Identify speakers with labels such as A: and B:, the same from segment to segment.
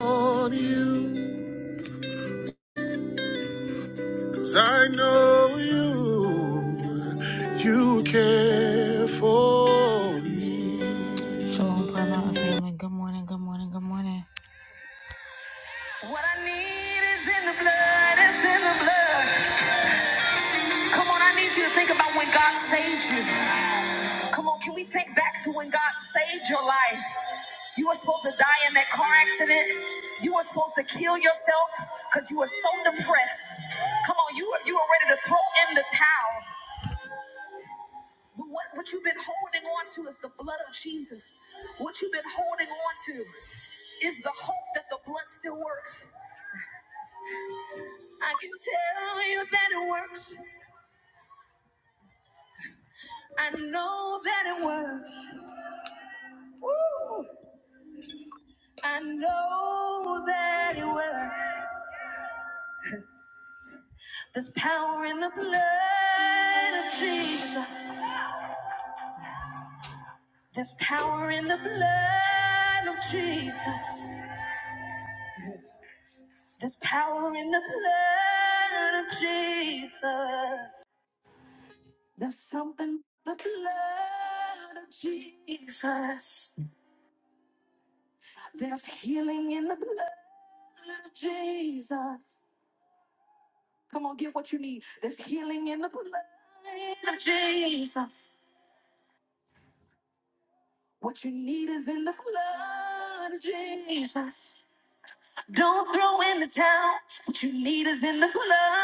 A: on you. 'Cause I know you, you care for me. Shalom, Prayer Mountain family. Good morning, good morning, good morning. What I need is in the blood, it's in the blood. Come on, I need you to think about when God saved you. Come on, can we think back to when God saved your life? You were supposed to die in that car accident. You were supposed to kill yourself because you were so depressed. Come on, you were, you were ready to throw in the towel. But what, what you've been holding on to is the blood of Jesus. What you've been holding on to is the hope that the blood still works. I can tell you that it works. I know that it works. Woo! I know that it works. There's power in the blood of Jesus. There's power in the blood of Jesus. There's power in the blood of Jesus. There's something in the blood of Jesus. There's healing in the blood of Jesus. Come on, get what you need. There's healing in the blood of Jesus. What you need is in the blood of Jesus. Don't throw in the towel. What you need is in the blood.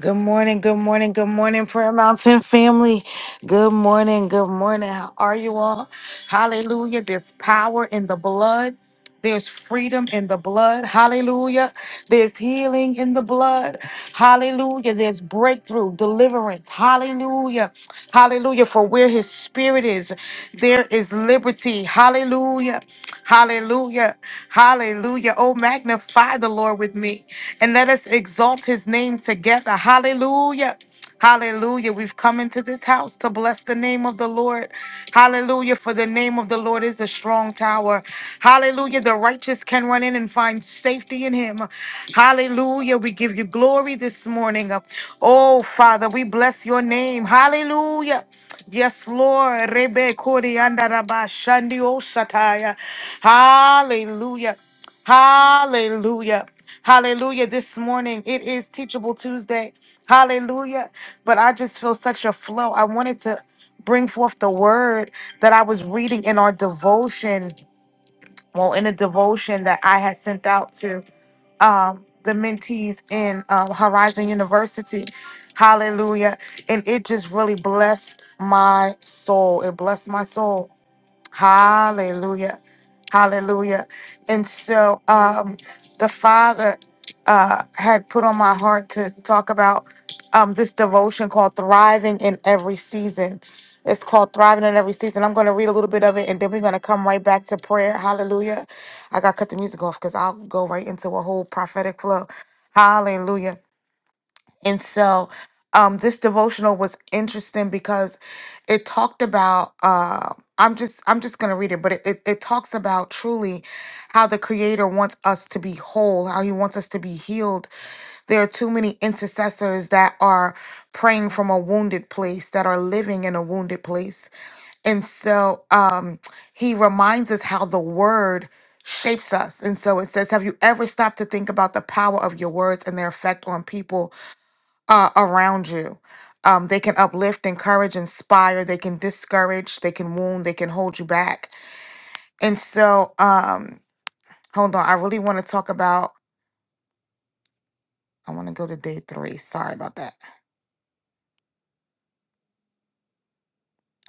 A: Good morning, good morning, good morning, Prayer Mountain family. Good morning, good morning. How are you all? Hallelujah. There's power in the blood. There's freedom in the blood. Hallelujah. There's healing in the blood. Hallelujah. There's breakthrough, deliverance. Hallelujah. Hallelujah. For where his spirit is, there is liberty. Hallelujah. Hallelujah. Hallelujah. Oh, magnify the Lord with me and let us exalt his name together. Hallelujah. Hallelujah. We've come into this house to bless the name of the Lord. Hallelujah. For the name of the Lord is a strong tower. Hallelujah. The righteous can run in and find safety in him. Hallelujah. We give you glory this morning. Oh, Father, we bless your name. Hallelujah. Yes, Lord. Rebe kori andaraba shandi osataya. Hallelujah. Hallelujah. Hallelujah. This morning it is Teachable Tuesday. Hallelujah. But I just feel such a flow. I wanted to bring forth the word that I was reading in our devotion. Well, in a devotion that I had sent out to um, the mentees in um, Horizon University. Hallelujah. And it just really blessed my soul. It blessed my soul. Hallelujah. Hallelujah. And so um, the Father uh, had put on my heart to talk about um, this devotion called Thriving in Every Season. It's called Thriving in Every Season. I'm going to read a little bit of it and then we're going to come right back to prayer. Hallelujah. I got to cut the music off because I'll go right into a whole prophetic flow. Hallelujah. And so um, this devotional was interesting because it talked about uh, I'm just I'm just gonna read it, but it, it, it talks about truly how the creator wants us to be whole, how he wants us to be healed. There are too many intercessors that are praying from a wounded place, that are living in a wounded place. And so um, he reminds us how the word shapes us. And so it says, Have you ever stopped to think about the power of your words and their effect on people? uh, around you. Um, they can uplift, encourage, inspire. They can discourage. They can wound. They can hold you back. And so, um, hold on. I really want to talk about. I want to go to day three. Sorry about that.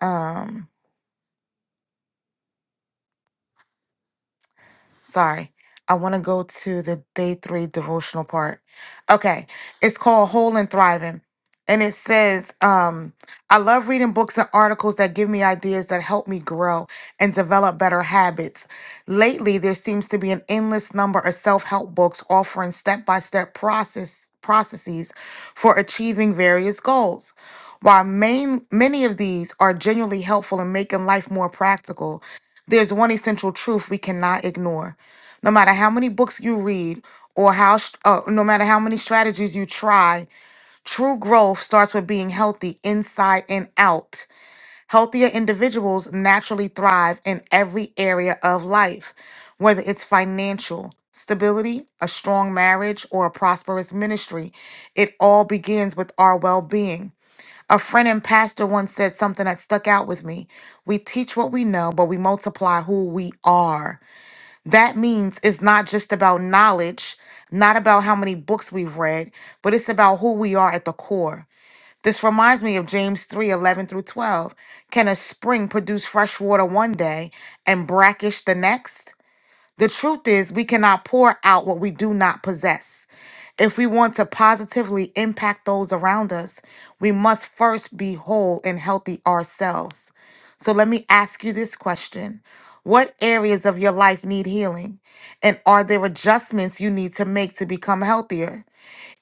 A: Um, Sorry. I want to go to the day three devotional part. Okay. It's called Whole and Thriving. And it says, um, I love reading books and articles that give me ideas that help me grow and develop better habits. Lately, there seems to be an endless number of self help books offering step by step process processes for achieving various goals. While main, many of these are genuinely helpful in making life more practical, there's one essential truth we cannot ignore. No matter how many books you read or how st- uh, no matter how many strategies you try, true growth starts with being healthy inside and out. Healthier individuals naturally thrive in every area of life, whether it's financial stability, a strong marriage, or a prosperous ministry. It all begins with our well-being. A friend and pastor once said something that stuck out with me. We teach what we know, but we multiply who we are. That means it's not just about knowledge, not about how many books we've read, but it's about who we are at the core. This reminds me of James 3 11 through 12. Can a spring produce fresh water one day and brackish the next? The truth is, we cannot pour out what we do not possess. If we want to positively impact those around us, we must first be whole and healthy ourselves. So let me ask you this question What areas of your life need healing? And are there adjustments you need to make to become healthier?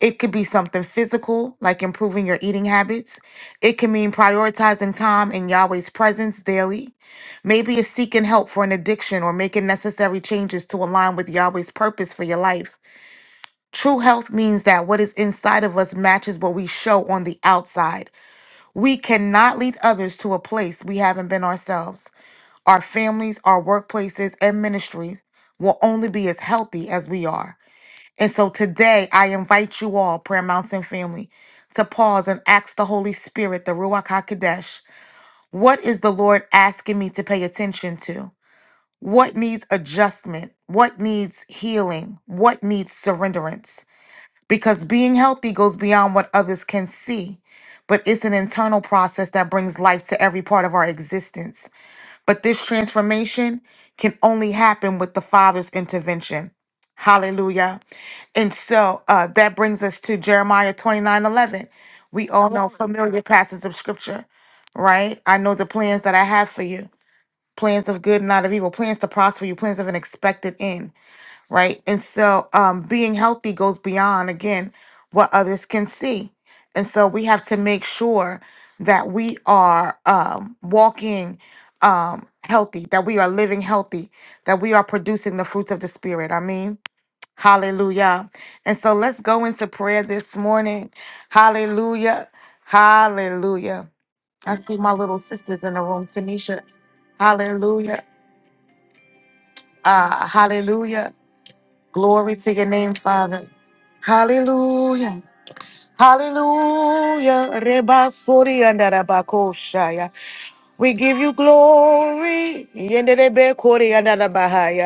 A: It could be something physical, like improving your eating habits. It can mean prioritizing time in Yahweh's presence daily. Maybe it's seeking help for an addiction or making necessary changes to align with Yahweh's purpose for your life. True health means that what is inside of us matches what we show on the outside. We cannot lead others to a place we haven't been ourselves. Our families, our workplaces, and ministries will only be as healthy as we are. And so today, I invite you all, Prayer Mountain family, to pause and ask the Holy Spirit, the Ruach HaKodesh, what is the Lord asking me to pay attention to? What needs adjustment? What needs healing? What needs surrenderance? Because being healthy goes beyond what others can see, but it's an internal process that brings life to every part of our existence. But this transformation can only happen with the Father's intervention. Hallelujah. And so uh, that brings us to Jeremiah 29 11. We all know familiar passages of scripture, right? I know the plans that I have for you plans of good, not of evil, plans to prosper you, plans of an expected end right? And so um, being healthy goes beyond, again, what others can see. And so we have to make sure that we are um, walking um, healthy, that we are living healthy, that we are producing the fruits of the Spirit. I mean, hallelujah. And so let's go into prayer this morning. Hallelujah. Hallelujah. I see my little sisters in the room, Tanisha. Hallelujah. Uh, hallelujah. Glory to your name, Father. Hallelujah. Hallelujah. Reba sori anda raba koshaya. We give you glory. Yendelebe kori andada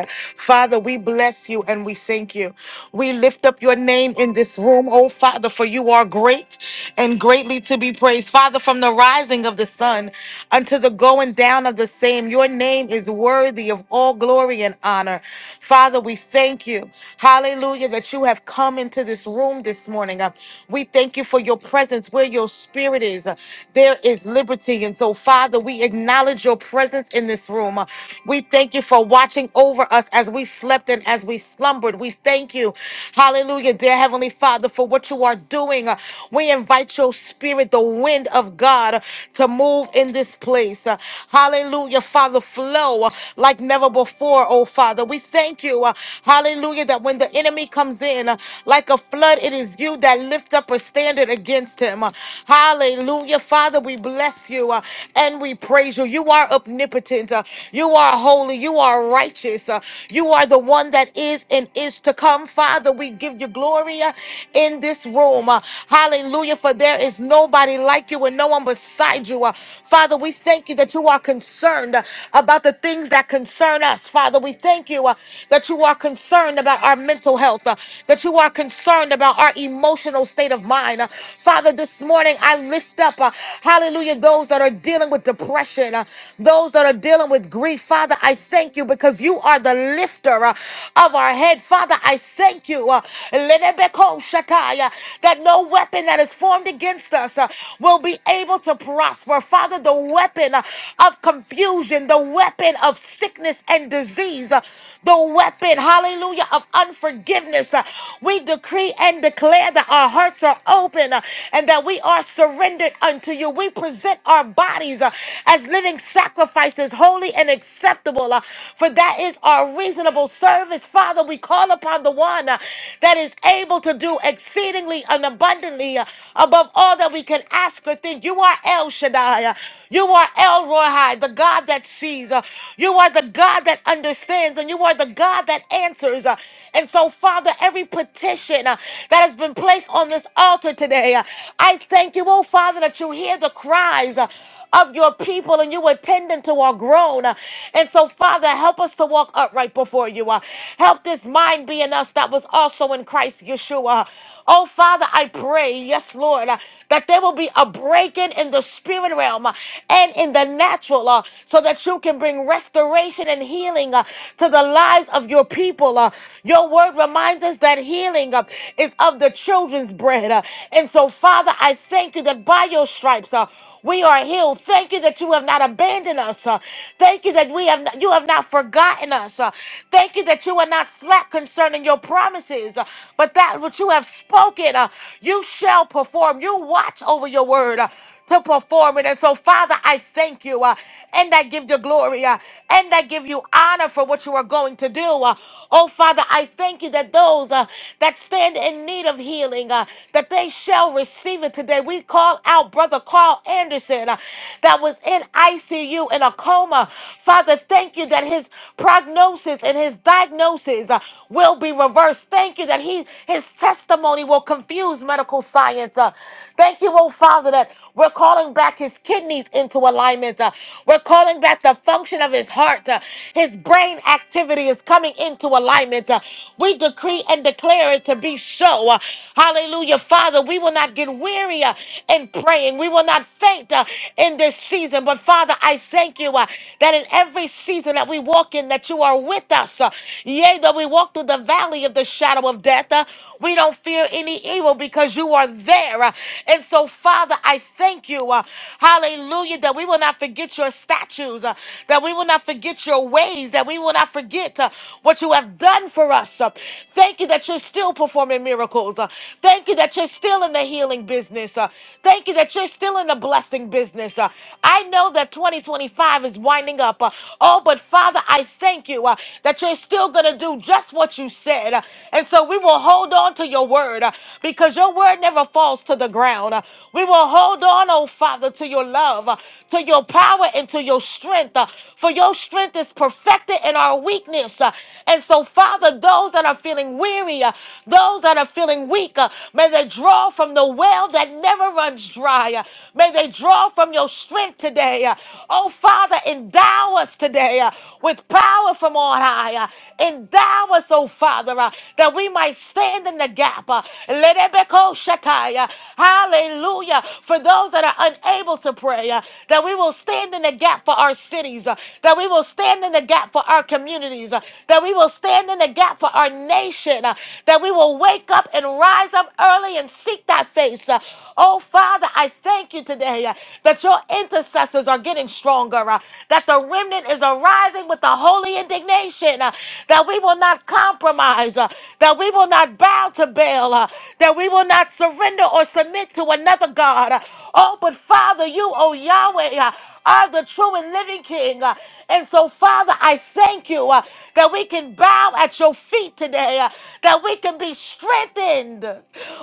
A: Father, we bless you and we thank you. We lift up your name in this room, oh Father, for you are great and greatly to be praised. Father, from the rising of the sun unto the going down of the same, your name is worthy of all glory and honor. Father, we thank you. Hallelujah, that you have come into this room this morning. Uh, We thank you for your presence where your spirit is. Uh, There is is liberty. And so, Father, we acknowledge your presence in this room. We thank you for watching over us as we slept and as we slumbered. We thank you, hallelujah, dear Heavenly Father, for what you are doing. We invite your spirit, the wind of God, to move in this place. Hallelujah, Father, flow like never before, oh Father. We thank you, hallelujah, that when the enemy comes in like a flood, it is you that lift up a standard against him. Hallelujah. Father, we bless you uh, and we praise you. You are omnipotent. uh, you are holy. You are righteous. uh, you are the one that is and is to come. Father, we give you glory uh, in this room. uh, hallelujah. For there is nobody like you and no one beside you. uh, Father, we thank you that you are concerned uh, about the things that concern us. Father, we thank you uh, that you are concerned about our mental health, uh, that you are concerned about our emotional state of of mine. Uh, Father, this morning I lift up, uh, hallelujah, those that are dealing with depression, uh, those that are dealing with grief. Father, I thank you because you are the lifter uh, of our head. Father, I thank you uh, Lenebeko Shakai, uh, that no weapon that is formed against us uh, will be able to prosper. Father, the weapon uh, of confusion, the weapon of sickness and disease, uh, the weapon, hallelujah, of unforgiveness, uh, we decree decree and declare that our hearts are open uh, and that we are surrendered unto you. We present our bodies uh, as living sacrifices, holy and acceptable, uh, for that is our reasonable service. Father, we call upon the one uh, that is able to do exceedingly and abundantly uh, above all that we can ask or think. You are El Shaddai. uh, You are El Rohai, the God that sees. uh, You are the God that understands, and you are the God that answers. uh, And so, Father, every petition uh, that has been placed on this altar today. Uh, I thank you, oh Father, that you hear the cries uh, of your people and you attend them to our groan. Uh, And so, Father, help us to walk upright before you. Uh, Help this mind be in us that was also in Christ Yeshua. Oh Father, I pray, yes, Lord, uh, that there will be a breaking in the spirit realm uh, and in the natural uh, so that you can bring restoration and healing uh, to the lives of your your people. Uh, your word reminds us that healing uh, is of the children's bread. Uh, and so, Father, I thank you that by your stripes uh, we are healed. Thank you that you have not abandoned us. Uh, thank you that we have not, you have not forgotten us. Uh, thank you that you are not slack concerning your promises, uh, but that which you have spoken, uh, you shall perform. You watch over your word. Uh, to perform it. And so, Father, I thank you uh, and I give you glory uh, and I give you honor for what you are going to do. Uh, oh, Father, I thank you that those uh, that stand in need of healing, uh, that they shall receive it today. We call out Brother Carl Anderson uh, that was in ICU in a coma. Father, thank you that his prognosis and his diagnosis uh, will be reversed. Thank you that he his testimony will confuse medical science. uh, thank you, oh oh Father, that we're calling back his kidneys into alignment. Uh, we're calling back the function of his heart. Uh, his brain activity is coming into alignment. Uh, we decree and declare it to be so. Uh, hallelujah. Father, we will not get weary uh, in praying. We will not faint uh, in this season. But Father, I thank you uh, that in every season that we walk in, that you are with us. Uh, yea, though we walk through the valley of the shadow of death, uh, we don't fear any evil because you are there prayer. uh, And so, Father, I thank you, uh, hallelujah, that we will not forget your statues, uh, that we will not forget your ways, that we will not forget uh, what you have done for us. uh. Thank you that you're still performing miracles. uh. Thank you that you're still in the healing business. uh. Thank you that you're still in the blessing business. uh. I know that 2025 is winding up. uh, Oh, but Father, I thank you uh, that you're still going to do just what you said. uh, And so we will hold on to your word uh, because because your word never falls to the ground. Uh, We will hold on, oh Father, to your love, uh, to your power, and to your strength. uh, For your strength is perfected in our weakness. uh, And so, Father, those that are feeling weary, uh, those that are feeling weak, uh, may they draw from the well that never runs dry. uh, May they draw from your strength today. uh, Oh Father, endow us today uh, with power from on high. uh, Endow us, oh Father, uh, that we might stand in the gap gap. Uh, Lebeko shakai, uh, Hallelujah. For those that are unable to pray, uh, that we will stand in the gap for our cities, uh, that we will stand in the gap for our communities, uh, that we will stand in the gap for our nation, uh, that we will wake up and rise up early and seek thy face. Uh, Oh, Father, I thank you today uh, that your intercessors are getting stronger, uh, that the remnant is arising with the holy indignation, uh, that we will not compromise, uh, that we will will not bow to Baal, uh, that we will not surrender or submit to another God. Uh, Oh, but Father, you, oh Yahweh, uh, are the true and living King. Uh, And so, Father, I thank you uh, that we can bow at your feet today, uh, that we can be strengthened.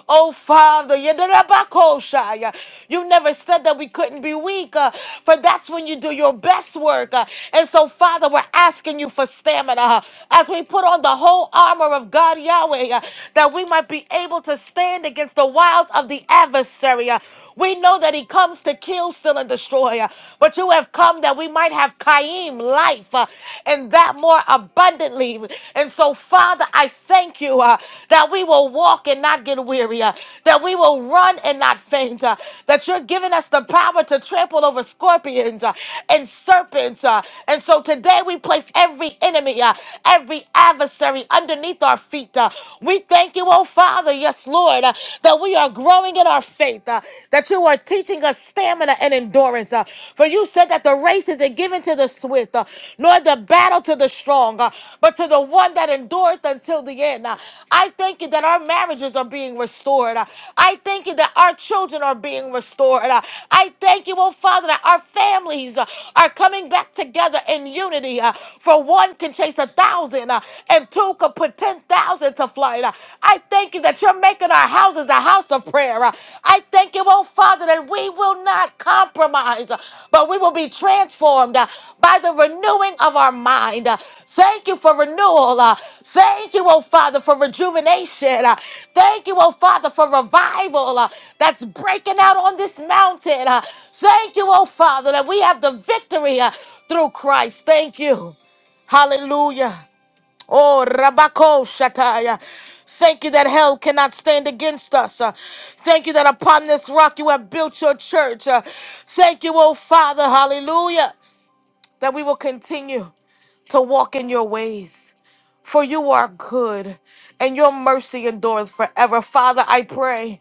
A: Oh, Father, Yedirabakosha, uh, you never said that we couldn't be weak, uh, for that's when you do your best work. uh, And so, Father, we're asking you for stamina uh, as we put on the whole armor armor of God, Yahweh, uh, that we might be able to stand against the wiles of the adversary. uh. We know that he comes to kill, steal, and destroy, uh, but you have come that we might have Kaim life uh, and that more abundantly. And so, Father, I thank you uh, that we will walk and not get weary, uh, that we will run and not faint, uh, that you're giving us the power to trample over scorpions uh, and serpents. uh. and so today we place every enemy, uh, every adversary underneath our feet. Uh, We thank you, oh Father, yes, Lord, uh, that we are growing in our faith, uh, that you are teaching us stamina and endurance. uh, For you said that the race isn't given to the swift, uh, nor the battle to the strong, uh, but to the one that endureth until the end. Uh, I thank you that our marriages are being restored. Uh, I thank you that our children are being restored. Uh, I thank you, oh Father, that our families uh, are coming back together in unity. uh, For one can chase takes a thousand uh, and two could put 10,000 to flight. Uh, I thank you that you're making our houses a house of prayer. Uh, I thank you, oh Father, that we will not compromise, uh, but we will be transformed uh, by the renewing of our mind. Uh, Thank you for renewal. Uh, Thank you, oh Father, for rejuvenation. Uh, Thank you, oh Father, for revival uh, that's breaking out on this mountain. Uh, Thank you, oh Father, that we have the victory uh, through Christ. Thank you. Hallelujah. Oh, Rabako Shataya. Thank you that hell cannot stand against us. Uh, Thank you that upon this rock you have built your church. Uh, Thank you, oh Father, hallelujah, that we will continue to walk in your ways. For you are good and your mercy endureth forever. Father, I pray.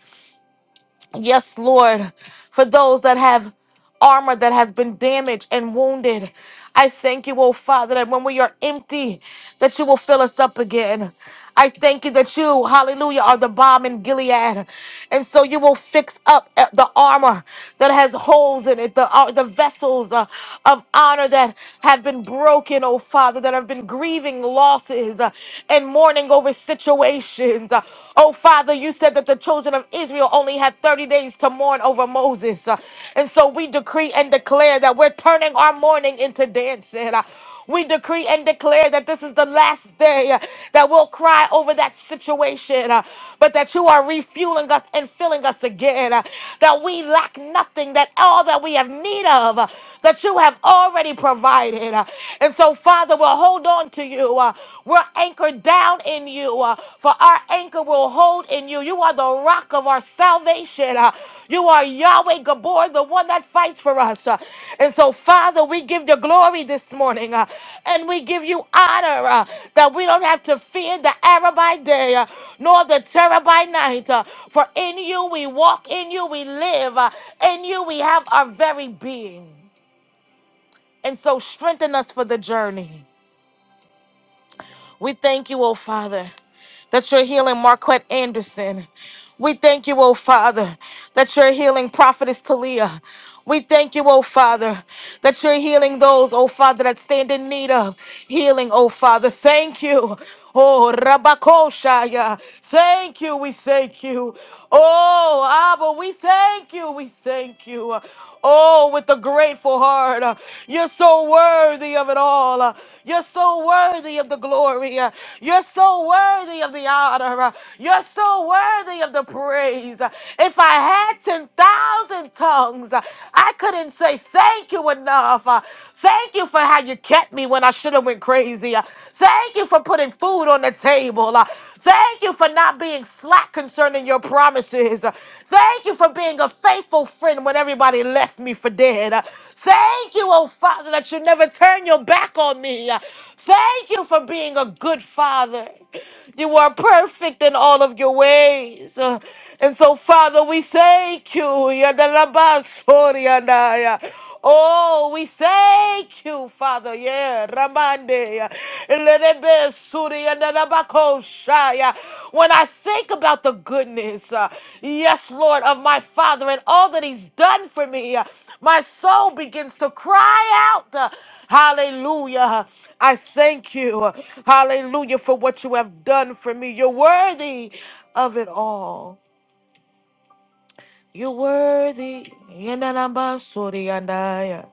A: Yes, Lord, for those that have armor that has been damaged and wounded. I thank you, oh Father, that when we are empty, that you will fill us up again. I thank you that you, hallelujah, are the bomb in Gilead. And so you will fix up uh, the armor that has holes in it, the, uh, the vessels uh, of honor that have been broken, oh Father, that have been grieving losses uh, and mourning over situations emotions. Uh, Oh, Father, you said that the children of Israel only had 30 days to mourn over Moses. Uh, And so we decree and declare that we're turning our mourning into dancing. Uh, We decree and declare that this is the last day uh, that we'll cry over that situation, uh, but that you are refueling us and filling us again, uh, that we lack nothing, that all that we have need of, uh, that you have already provided. Uh, And so, Father, we're holding hold on to you. Uh, we're anchored down in you, uh, for our anchor will hold in you. You are the rock of our salvation. Uh, you are Yahweh Gabor, the one that fights for us. Uh, and so, Father, we give you glory this morning uh, and we give you honor uh, that we don't have to fear the arrow by day uh, nor the terror by night. uh, for in you we walk, in you we live, uh, in you we have our very being. And so, strengthen us for the journey. We thank you, oh Father, that you're healing Marquette Anderson. We thank you, oh Father, that you're healing Prophetess Talia. We thank you, oh Father, that you're healing those, oh Father, that stand in need of healing, oh Father. Thank you. Oh, Rabakoshaya. Thank you. We thank you. Oh, Abba, we thank you. We thank you. Oh, with a grateful heart heart. Uh, You're so worthy of it all. Uh, You're so worthy of the glory. Uh, You're so worthy of the honor. Uh, You're so worthy of the praise. Uh, If I had 10,000 tongues, uh, I couldn't say thank you enough. Uh, Thank you for how you kept me when I should have went crazy. Uh, Thank you for putting food on the table. Uh, Thank you for not being being slack concerning your promises. Thank you for being a faithful friend when everybody left me for dead. Thank you, oh Father, that you never turn your back on me. Thank you for being a good father. You are perfect in all of your ways. Uh, And so, Father, we thank you. Yadalabasoriyadaya. Oh, we thank you, Father. Yeah, Ramande. Lerebe suri and Rabako shaya. When I think about the goodness, uh, yes, Lord, of my Father and all that He's done for me, uh, my soul begins to cry out. uh, Hallelujah. I thank you. Hallelujah for what you have done for me. You're worthy of it all. You're worthy. Yanarambasuri andaya.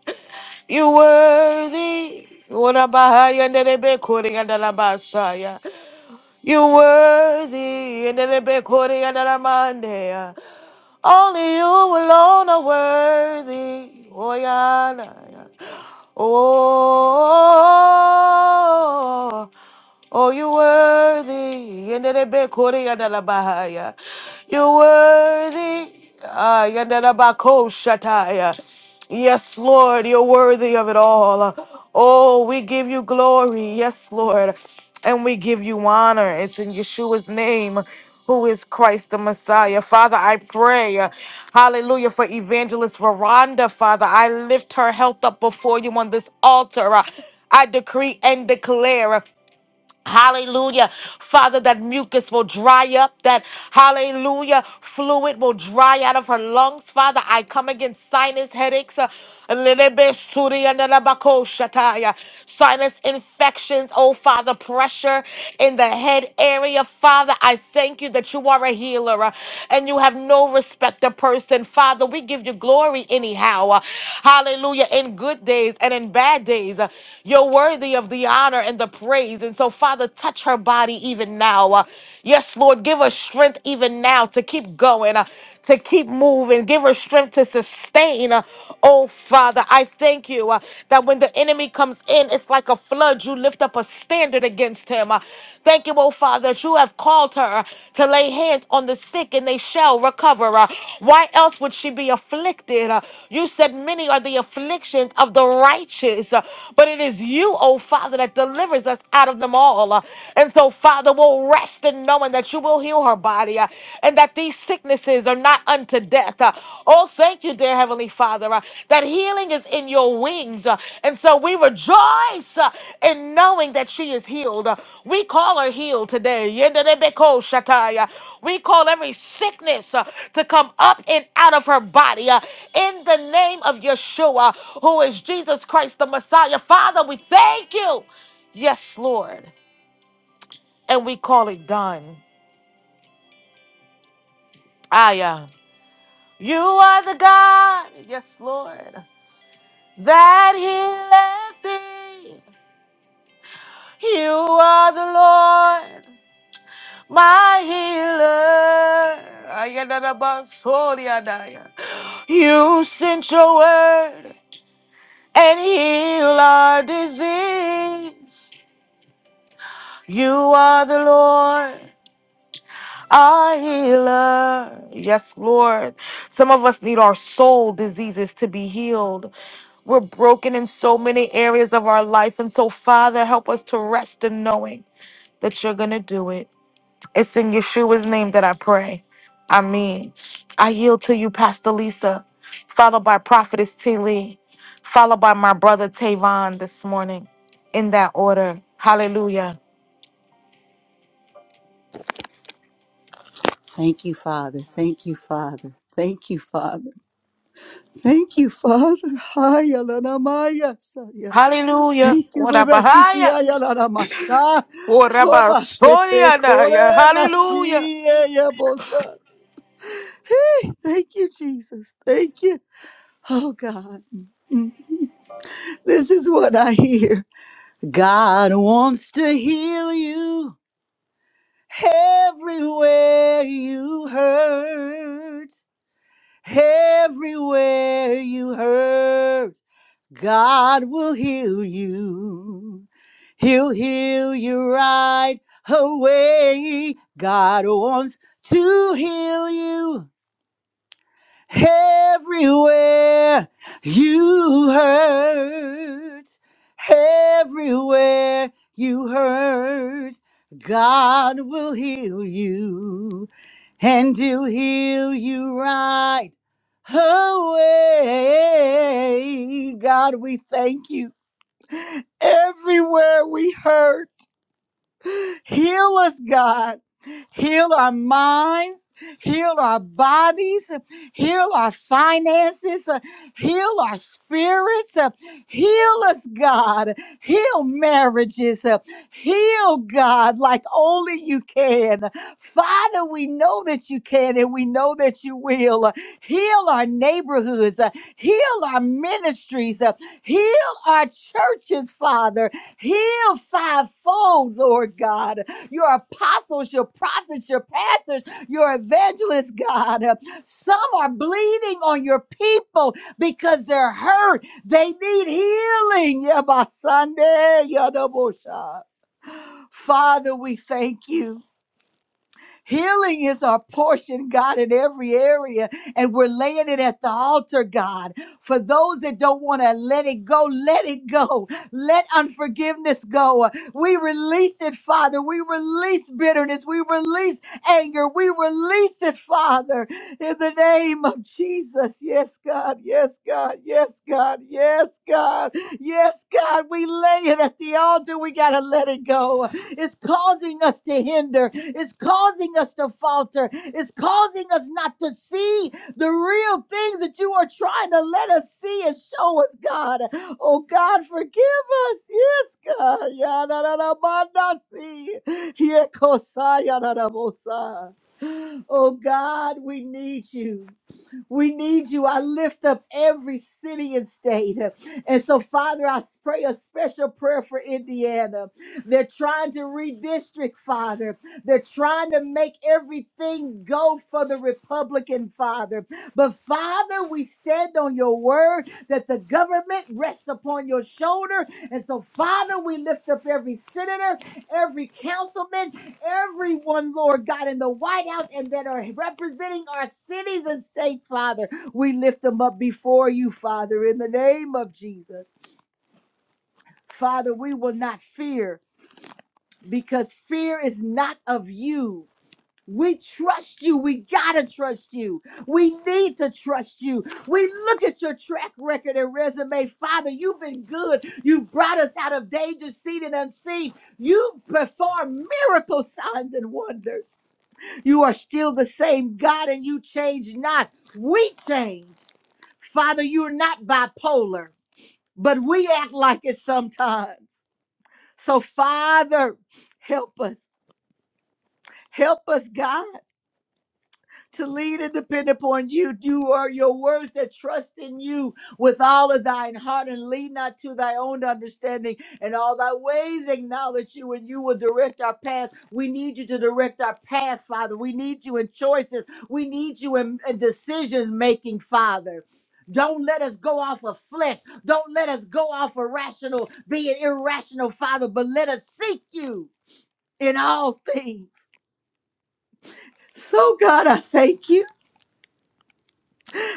A: You're worthy. Urabahaya nerebekuri andarabasaya. You're worthy. Nerebekuri andaramandeya. Only you alone are worthy. Oyana. Oh. Oh, you're worthy. Yenderebe kore yandala bahaya. You're worthy. Ah, yandala bako shataya. Yes, Lord, you're worthy of it all. Oh, we give you glory. Yes, Lord. And we give you honor. It's in Yeshua's name who is Christ the Messiah. Father, I pray, uh, hallelujah, for Evangelist Veranda, Father. I lift her health up before you on this altar. Uh, I decree and declare. Hallelujah. Father, that mucus will dry up, that hallelujah fluid will dry out of her lungs. Father, I come against sinus headaches, uh, sinus infections, oh Father, pressure in the head area. Father, I thank you that you are a healer uh, and you have no respect of person. Father, we give you glory anyhow. Uh, Hallelujah. In good days and in bad days, uh, you're worthy of the honor and the praise. And so, Father, Father, touch her body even now. Uh, Yes, Lord, give her strength even now to keep going, uh, to keep moving. Give her strength to sustain. Uh, Oh, Father, I thank you uh, that when the enemy comes in, it's like a flood. You lift up a standard against him. Uh, Thank you, oh, Father, that you have called her uh, to lay hands on the sick and they shall recover. Uh, Why else would she be afflicted? Uh, You said many are the afflictions of the righteous, uh, but it is you, oh, Father, that delivers us out of them all all. Uh, And so, Father, we'll rest in knowing that you will heal her body uh, and that these sicknesses are not unto death. Uh, Oh, thank you, dear Heavenly Father, uh, that healing is in your wings. Uh, And so we rejoice uh, in knowing that she is healed. Uh, We call her healed today. Yenderebeko shatai. Uh, We call every sickness uh, to come up and out of her body uh, in the name of Yeshua, who is Jesus Christ the Messiah. Father, we thank you. Yes, Lord and we call it done. Ah, yeah. You are the God, yes, Lord, that He left thee. You are the Lord, my healer. Ayadadabasoriadaya. You sent your word and heal our disease. You are the Lord. our healer. Yes, Lord. Some of us need our soul diseases to be healed. We're broken in so many areas of our life. And so, Father, help us to rest in knowing that you're going to do it. It's in Yeshua's name that I pray. I mean, I yield to you, Pastor Lisa, followed by Prophetess T. Lee, followed by my brother Tavon this morning in that order. Hallelujah.
B: Thank you, Father. Thank you, Father. Thank you, Father. Thank you, Father. Haya la na maya saya.
A: Hallelujah.
B: Thank you,
A: What a
B: Baba Siki
A: Bahia.
B: Haya la na masha.
A: Oh, Rabbi
B: Hoba sete
A: Sonia,
B: kore
A: Naya. Hallelujah.
B: masiye ya bosa. Thank you, Jesus. Thank you. Oh God, this is what I hear. God wants to heal you everywhere you hurt. Everywhere you hurt. God will heal you. He'll heal you right away. God wants to heal you everywhere you hurt. Everywhere you hurt. God will heal you and he'll heal you right away. God, we thank you everywhere we hurt. Heal us, God. Heal our minds, heal our bodies, heal our finances, uh, heal our spirits, uh, heal us, God. Heal marriages, uh, heal, God, like only you can. Father, we know that you can and we know that you will. Uh, Heal our neighborhoods, uh, heal our ministries, uh, heal our churches, Father. Heal fivefold, Lord God. Your apostles, your prophets, your pastors, your evangelists, God. Some are bleeding on your people because they're hurt. They need healing. Yeah, by Sunday. yeah, no shot. Father, we thank you. Healing is our portion, God, in every area. And we're laying it at the altar, God. For those that don't want to let it go, let it go. Let unforgiveness go. We release it, Father. We release bitterness. We release anger. We release it, Father, in the name of Jesus. Yes, God. Yes, God. Yes, God. Yes, God. Yes, God, we lay it at the altar. We got to let it go. It's causing us to hinder. It's causing us to falter. It's causing us not to see the real things that you are trying to let us see and show us, God. Oh, God, forgive us. Yes, God. Yadadadabandasi. Yekosayadadabosa. Oh, God, we need you. We need you. I lift up every city and state. And so, Father, I pray a special prayer for Indiana. They're trying to redistrict, Father. They're trying to make everything go for the Republican, Father. But, Father, we stand on your word that the government rests upon your shoulder. And so, Father, we lift up every senator, every councilman, everyone, Lord God, in the White House and that are representing our cities and states, Father. We lift them up before you, Father, in the name of Jesus. Father, we will not fear because fear is not of you. We trust you. We got to trust you. We need to trust you. We look at your track record and resume. Father, you've been good. You've brought us out of danger, seen and unseen. You've performed miracle signs and wonders. You are still the same God and you change not. We change. Father, you're not bipolar, but we act like it sometimes. So, Father, help us. Help us, God. to lead and depend upon you. You are your words that trust in you with all of thine heart and lead not to thy own understanding and all thy ways acknowledge you and you will direct our path. We need you to direct our path, Father. We need you in choices. We need you in, in decision making, Father. Don't let us go off of flesh. Don't let us go off of rational, being irrational, Father, but let us seek you in all things. So, God, I thank you.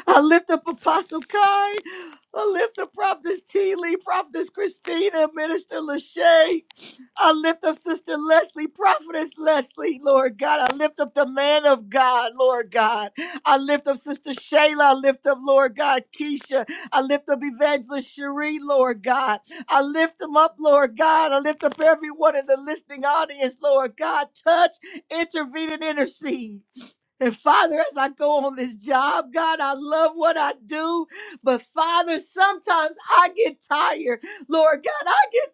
B: I lift up Apostle Kai. I lift up Prophetess T. Lee, Prophetess Christina, Minister Lachey. I lift up Sister Leslie, Prophetess Leslie, Lord God. I lift up the man of God, Lord God. I lift up Sister Shayla. I lift up, Lord God, Keisha. I lift up Evangelist Cherie, Lord God. I lift them up, Lord God. I lift up everyone in the listening audience, Lord God. Touch, intervene, and intercede. And Father, as I go on this job, God, I love what I do. But Father, sometimes I get tired. Lord God, I get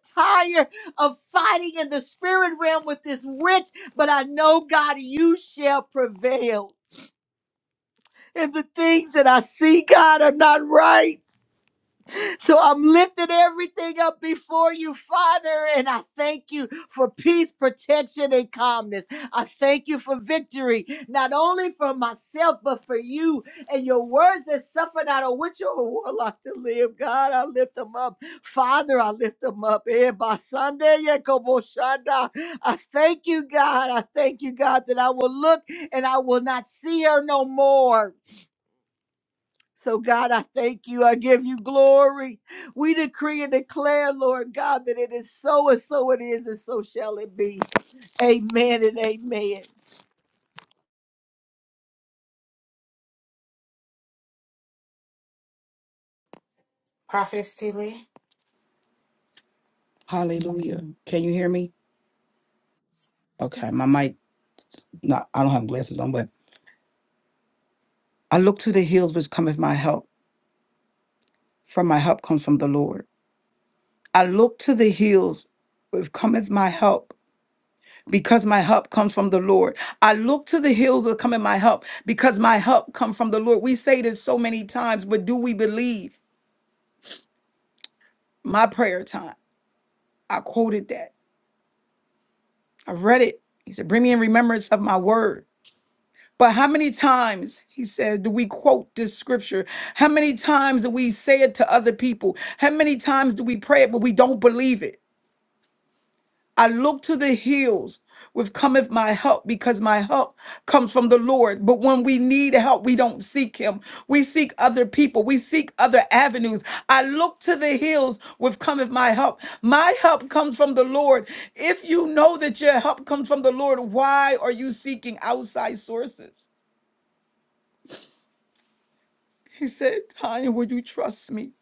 B: tired of fighting in the spirit realm with this witch. But I know, God, you shall prevail. And the things that I see, God, are not right. So I'm lifting everything up before you, Father, and I thank you for peace, protection, and calmness. I thank you for victory, not only for myself, but for you and your words that suffer not a witch or a warlock to live. God, I lift them up. Father, I lift them up. Eh, by Sunday, yeah, come on, I thank you, God. I thank you, God, that I will look and I will not see her no more. So, God, I thank you. I give you glory. We decree and declare, Lord God, that it is so and so it is, and so shall it be. Amen and amen.
C: Hallelujah. Can you hear me? Okay, my mic not I don't have glasses on, but I look to the hills which cometh my help. From my help comes from the Lord. I look to the hills which cometh my help. Because my help comes from the Lord. I look to the hills which cometh my help because my help come from the Lord. We say this so many times, but do we believe? My prayer time. I quoted that. I read it. He said, Bring me in remembrance of my word. But how many times, he says, do we quote this scripture? How many times do we say it to other people? How many times do we pray it, but we don't believe it? I look to the hills with cometh my help because my help comes from the Lord. But when we need help, we don't seek him. We seek other people. We seek other avenues. I look to the hills with cometh my help. My help comes from the Lord. If you know that your help comes from the Lord, why are you seeking outside sources? He said, Tanya, will you trust me?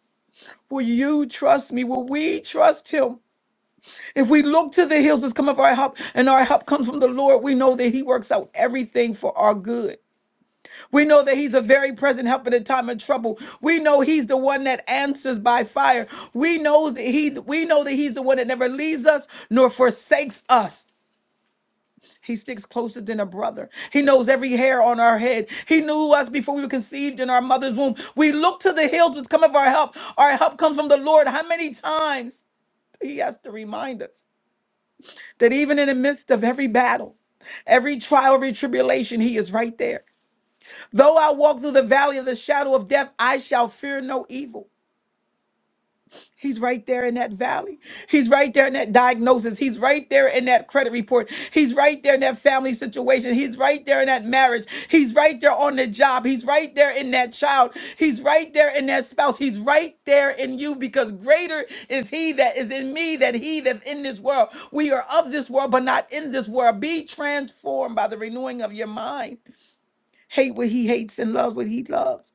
C: Will you trust me? Will we trust him? If we look to the hills, it's coming for our help, and our help comes from the Lord, we know that he works out everything for our good. We know that he's a very present help in a time of trouble. We know he's the one that answers by fire. We know that he we know that he's the one that never leaves us nor forsakes us. He sticks closer than a brother. He knows every hair on our head. He knew us before we were conceived in our mother's womb. We look to the hills which come of our help. Our help comes from the Lord. How many times he has to remind us that even in the midst of every battle, every trial, every tribulation, he is right there. Though I walk through the valley of the shadow of death, I shall fear no evil. He's right there in that valley. He's right there in that diagnosis. He's right there in that credit report. He's right there in that family situation. He's right there in that marriage. He's right there on the job. He's right there in that child. He's right there in that spouse. He's right there in you because greater is he that is in me than he that's in this world. We are of this world, but not in this world. Be transformed by the renewing of your mind. Hate what he hates and love what he loves.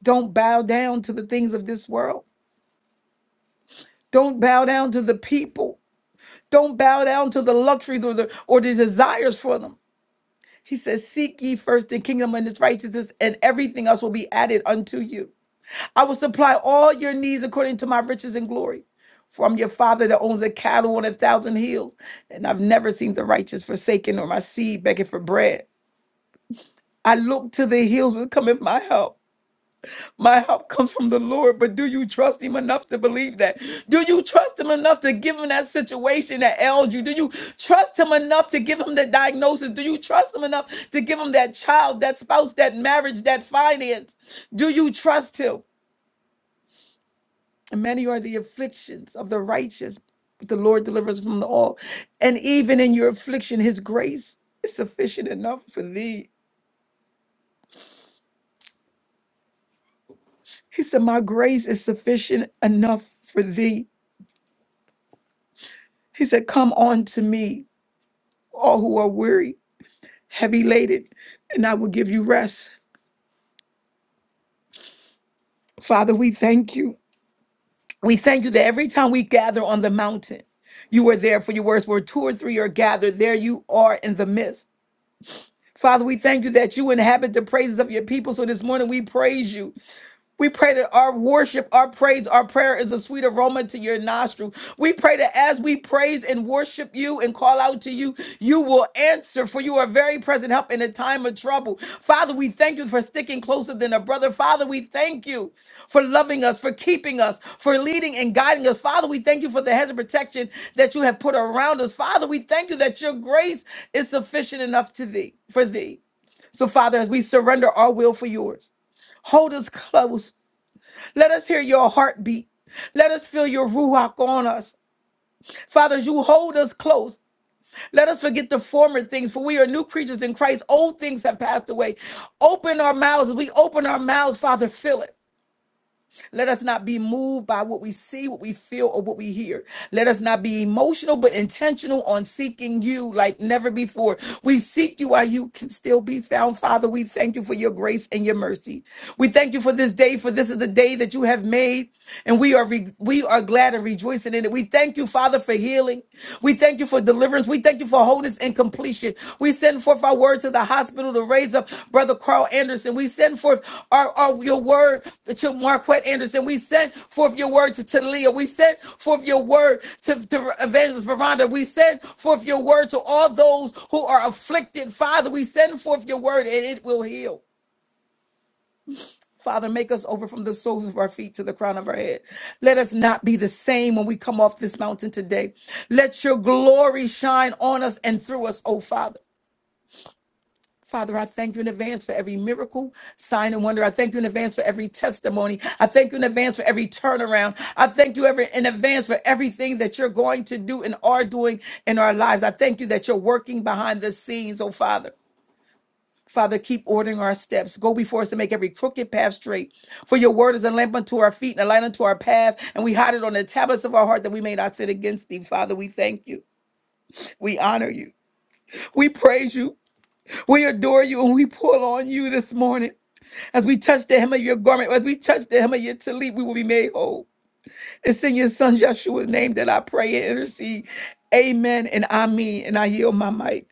C: Don't bow down to the things of this world. Don't bow down to the people. Don't bow down to the luxuries or the or the desires for them. He says, Seek ye first the kingdom and its righteousness, and everything else will be added unto you. I will supply all your needs according to my riches and glory. For I'm your father that owns a cattle on a thousand hills, and I've never seen the righteous forsaken or my seed begging for bread. I look to the hills with cometh my help. My help comes from the Lord, but do you trust Him enough to believe that? Do you trust Him enough to give Him that situation that ails you? Do you trust Him enough to give Him the diagnosis? Do you trust Him enough to give Him that child, that spouse, that marriage, that finance? Do you trust Him? And many are the afflictions of the righteous, but the Lord delivers from the all. And even in your affliction, His grace is sufficient enough for thee. He said, My grace is sufficient enough for thee. He said, Come on to me. all who are weary, heavy laden, and I will give you rest. Father, we thank you. We thank you that every time we gather on the mountain, you are there for your words. Where two or three are gathered, there you are in the midst. Father, we thank you that you inhabit the praises of your people. So this morning we praise you. We pray that our worship, our praise, our prayer is a sweet aroma to your nostril. We pray that as we praise and worship you and call out to you, you will answer, for you are very present help in a time of trouble. Father, we thank you for sticking closer than a brother. Father, we thank you for loving us, for keeping us, for leading and guiding us. Father, we thank you for the hedge of protection that you have put around us. Father, we thank you that your grace is sufficient enough to thee, for thee. So, Father, as we surrender our will for yours, hold us close let us hear your heartbeat. Let us feel your ruach on us. Father, as you hold us close. Let us forget the former things, for we are new creatures in Christ. Old things have passed away. Open our mouths. As we open our mouths, Father, fill it. Let us not be moved by what we see, what we feel, or what we hear. Let us not be emotional, but intentional on seeking you like never before. We seek you while you can still be found. Father, we thank you for your grace and your mercy. We thank you for this day, for this is the day that you have made, and we are re- we are glad and rejoicing in it. We thank you, Father, for healing. We thank you you for deliverance. We thank you for wholeness and completion. We send forth our word to the hospital to raise up Brother Carl Anderson. We send forth our, our your word to Marquette Anderson. We send forth your word to Talia. We send forth your word to, to Evangelist Veranda. We send forth your word to all those who are afflicted. Father, we send forth your word and it will heal. Father, make us over from the soles of our feet to the crown of our head. Let us not be the same when we come off this mountain today. Let your glory shine on us and through us, oh Father. Father, I thank you in advance for every miracle, sign, and wonder. I thank you in advance for every testimony. I thank you in advance for every turnaround. I thank you every, in advance for everything that you're going to do and are doing in our lives. I thank you that you're working behind the scenes, oh Father. Father, keep ordering our steps. Go before us to make every crooked path straight. For your word is a lamp unto our feet and a light unto our path. And we hide it on the tablets of our heart that we may not sin against thee. Father, we thank you. We honor you. We praise you. We adore you. And we pull on you this morning. As we touch the hem of your garment, as we touch the hem of your talib, we will be made whole. It's in your son Yeshua's name that I pray and intercede. Amen. And I mean, and I yield my mic.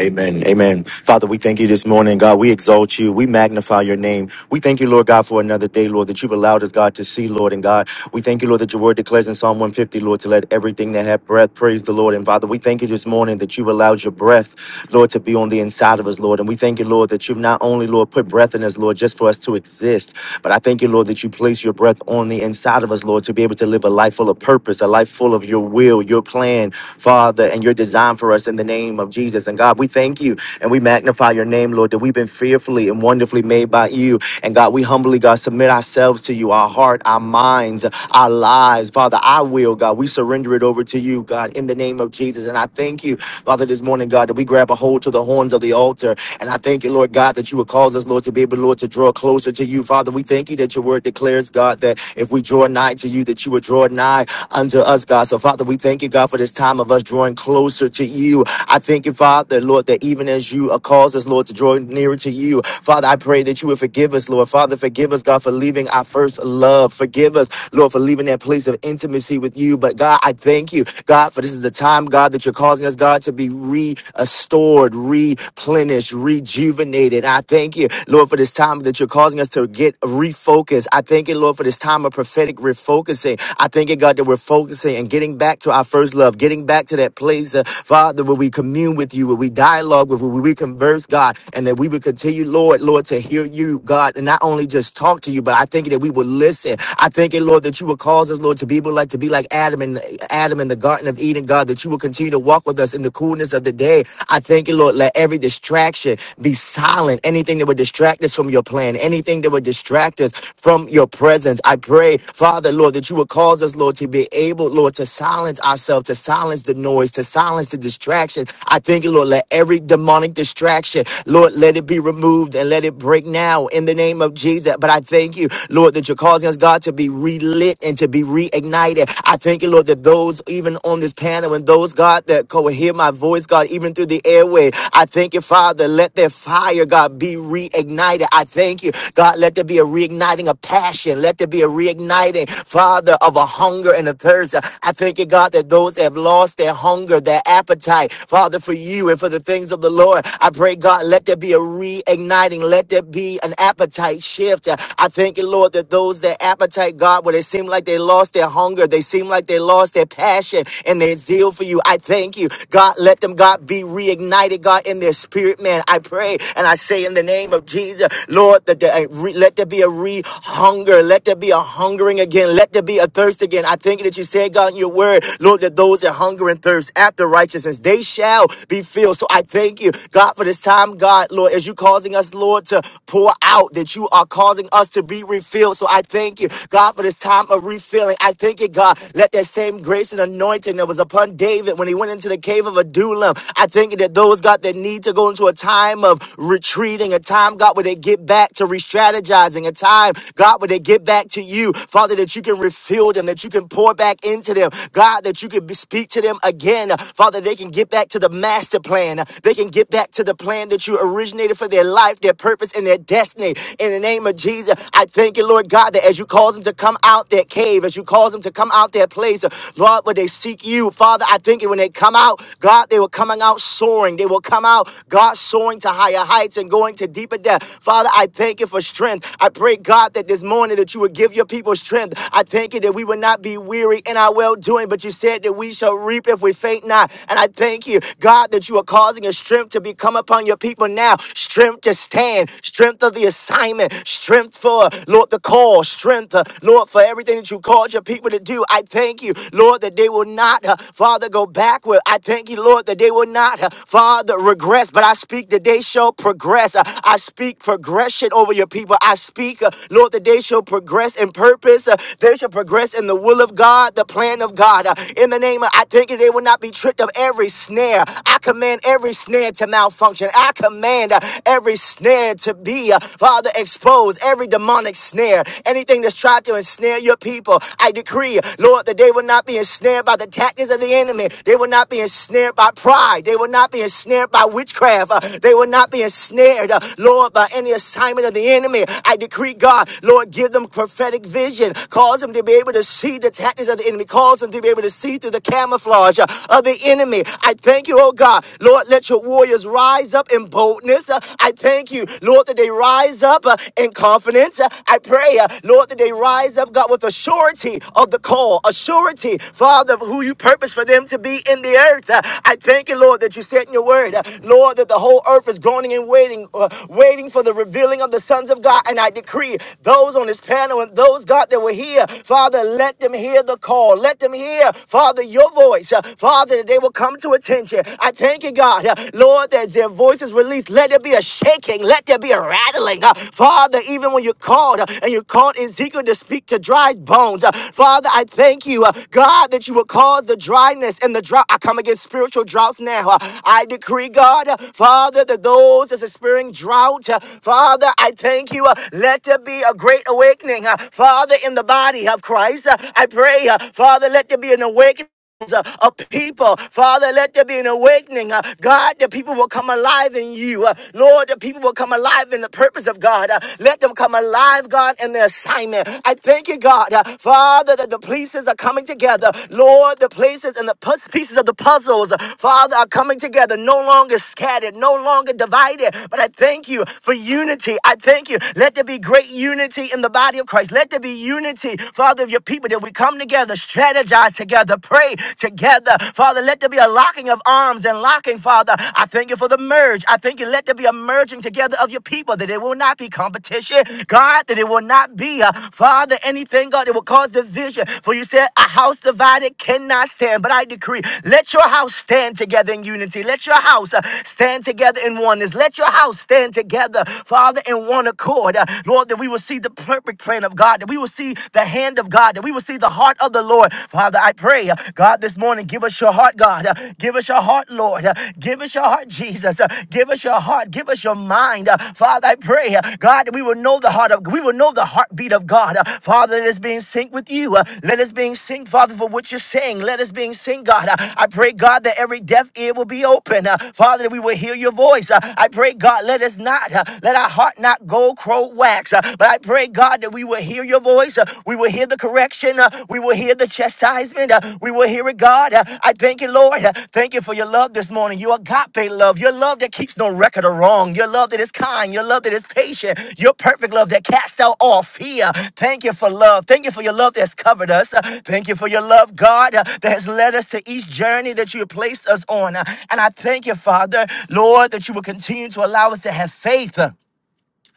D: Amen. Amen. Father, we thank you this morning, God. We exalt you. We magnify your name. We thank you, Lord God, for another day, Lord, that you've allowed us, God, to see, Lord. And God, we thank you, Lord, that your word declares in Psalm 150, Lord, to let everything that have breath praise the Lord. And Father, we thank you this morning that you've allowed your breath, Lord, to be on the inside of us, Lord. And we thank you, Lord, that you've not only, Lord, put breath in us, Lord, just for us to exist, but I thank you, Lord, that you place your breath on the inside of us, Lord, to be able to live a life full of purpose, a life full of your will, your plan, Father, and your design for us in the name of Jesus. And God, we thank you and we magnify your name, Lord, that we've been fearfully and wonderfully made by you. And God, we humbly, God, submit ourselves to you, our heart, our minds, our lives. Father, I will, God, we surrender it over to you, God, in the name of Jesus. And I thank you, Father, this morning, God, that we grab a hold to the horns of the altar. And I thank you, Lord God, that you would cause us, Lord, to be able, Lord, to draw closer to you. Father, we thank you that your word declares, God, that if we draw nigh to you, that you would draw nigh unto us, God. So, Father, we thank you, God, for this time of us drawing closer to you you. I thank you, Father, Lord, that even as you uh, cause us, Lord, to draw nearer to you, Father, I pray that you would forgive us, Lord. Father, forgive us, God, for leaving our first love. Forgive us, Lord, for leaving that place of intimacy with you. But God, I thank you, God, for this is the time, God, that you're causing us, God, to be restored, replenished, rejuvenated. I thank you, Lord, for this time that you're causing us to get refocused. I thank you, Lord, for this time of prophetic refocusing. I thank you, God, that we're focusing and getting back to our first love, getting back to that place days, uh, Father, where we commune with you, where we dialogue with, where we converse, God, and that we would continue, Lord, Lord, to hear you, God, and not only just talk to you, but I think that we would listen. I think, it, Lord, that you would cause us, Lord, to be able like to be like Adam and Adam in the Garden of Eden, God, that you will continue to walk with us in the coolness of the day. I thank you, Lord, let every distraction be silent. Anything that would distract us from your plan, anything that would distract us from your presence. I pray, Father, Lord, that you would cause us, Lord, to be able, Lord, to silence ourselves, to silence the silence the noise, to silence the distraction. I thank you, Lord. Let every demonic distraction, Lord, let it be removed and let it break now in the name of Jesus. But I thank you, Lord, that you're causing us, God, to be relit and to be reignited. I thank you, Lord, that those even on this panel and those, God, that co- hear my voice, God, even through the airway, I thank you, Father. Let their fire, God, be reignited. I thank you, God, let there be a reigniting of passion. Let there be a reigniting, Father, of a hunger and a thirst. I thank you, God, that those those that have lost their hunger, their appetite, Father, for you and for the things of the Lord. I pray, God, let there be a reigniting. Let there be an appetite shift. Uh, I thank you, Lord, that those that appetite, God, where they seem like they lost their hunger, they seem like they lost their passion and their zeal for you. I thank you, God, let them, God, be reignited, God, in their spirit, man. I pray and I say in the name of Jesus, Lord, that there, uh, re- let there be a re hunger. Let there be a hungering again. Let there be a thirst again. I thank you that you said, God, in your word word, Lord, that those that hunger and thirst after righteousness, they shall be filled. So I thank you, God, for this time, God, Lord, as you causing us, Lord, to pour out, that you are causing us to be refilled. So I thank you, God, for this time of refilling. I thank you, God, let that same grace and anointing that was upon David when he went into the cave of Adullam. I thank you that those, God, that need to go into a time of retreating, a time, God, where they get back to re strategizing, a time, God, where they get back to you, Father, that you can refill them, that you can pour back in speak into them. God, that you could be, speak to them again. Father, they can get back to the master plan. They can get back to the plan that you originated for their life, their purpose, and their destiny. In the name of Jesus, I thank you, Lord God, that as you cause them to come out their cave, as you cause them to come out their place, Lord, where they seek you. Father, I thank you when they come out, God, they were coming out soaring. They will come out, God, soaring to higher heights and going to deeper depth. Father, I thank you for strength. I pray, God, that this morning that you would give your people strength. I thank you that we would not be not be weary in our well doing, but you said that we shall reap if we faint not. And I thank you, God, that you are causing a strength to become upon your people now. Strength to stand, strength of the assignment, strength for, Lord, the call, strength, uh, Lord, for everything that you called your people to do. I thank you, Lord, that they will not, uh, Father, go backward. I thank you, Lord, that they will not, uh, Father, regress, but I speak that they shall progress. Uh, I speak progression over your people. I speak, uh, Lord, that they shall progress in purpose. Uh, They shall progress progress in the will of God, the plan of God. Uh, In the name of, I think they will not be tricked of every snare. I command every snare to malfunction. I command uh, every snare to be, uh, Father, exposed, every demonic snare, anything that's tried to ensnare your people. I decree, Lord, that they will not be ensnared by the tactics of the enemy. They will not be ensnared by pride. They will not be ensnared by witchcraft. Uh, They will not be ensnared, uh, Lord, by any assignment of the enemy. I decree, God, Lord, give them prophetic vision. Cause them to be able to see the tactics of the enemy. Cause them to be able to see through the camouflage uh, of the enemy. I thank you, oh God. Lord, let your warriors rise up in boldness. Uh, I thank you, Lord, that they rise up uh, in confidence. Uh, I pray, uh, Lord, that they rise up, God, with a surety of the call, a surety, Father, of who you purpose for them to be in the earth. Uh, I thank you, Lord, that you said in your word, uh, Lord, that the whole earth is groaning and waiting, uh, waiting for the revealing of the sons of God. And I decree those on this panel and those, God, that were here, Father, let them hear the call. Let them hear, Father, your voice. Uh, Father, that they will come to attention. I thank you, God, uh, Lord, that their voice is released. Let there be a shaking. Let there be a rattling. Uh, Father, even when you called uh, and you called Ezekiel to speak to dried bones, uh, Father, I thank you, uh, God, that you will cause the dryness and the drought. I come against spiritual droughts now. Uh, I decree, God, uh, Father, that those that's experiencing drought, uh, Father, I thank you. uh, Let there be a great awakening awakening, uh, Father, in the body of Christ. Uh, I pray, uh, Father, let there be an awakening uh, of people. Father, let there be an awakening. Uh, God, the people will come alive in you. Uh, Lord, the people will come alive in the purpose of God. Uh, let them come alive, God, in their assignment. I thank you, God, uh, Father, that the pieces are coming together. Lord, the places and the puz- pieces of the puzzles, uh, Father, are coming together, no longer scattered, no longer divided. But I thank you for unity. I thank you. Let there be great unity unity in the body of Christ. Let there be unity, Father, of your people that we come together, strategize together, pray together. Father, let there be a locking of arms and locking, Father. I thank you for the merge. I thank you. Let there be a merging together of your people that it will not be competition, God, that it will not be, uh, Father, anything, God, that will cause division. For you said, a house divided cannot stand. But I decree, let your house stand together in unity. Let your house uh, stand together in oneness. Let your house stand together, Father, in one accord. Lord. Uh, Lord, that we will see the perfect plan of God, that we will see the hand of God, that we will see the heart of the Lord. Father, I pray, uh, God, this morning, give us your heart, God. Uh, Give us your heart, Lord. Uh, Give us your heart, Jesus. Uh, Give us your heart. Give us your mind. Uh, Father, I pray, uh, God, that we will know the heart of we will know the heartbeat of God. Uh, Father, let us be in sync with you. Uh, Let us be in sync, Father, for what you're saying. Let us be in sync, God. Uh, I pray, God, that every deaf ear will be open. Uh, Father, that we will hear your voice. Uh, I pray, God, let us not, uh, let our heart not not gold crow wax. Uh, But I pray, God, that we will hear your voice. Uh, We will hear the correction. Uh, We will hear the chastisement. Uh, We will hear it, God. Uh, I thank you, Lord. Uh, Thank you for your love this morning. Your agape love. Your love that keeps no record of wrong. Your love that is kind. Your love that is patient. Your perfect love that casts out all fear. Thank you for love. Thank you for your love that's covered us. Uh, Thank you for your love, God, uh, that has led us to each journey that you have placed us on. Uh, And I thank you, Father, Lord, that you will continue to allow us to have faith. Uh,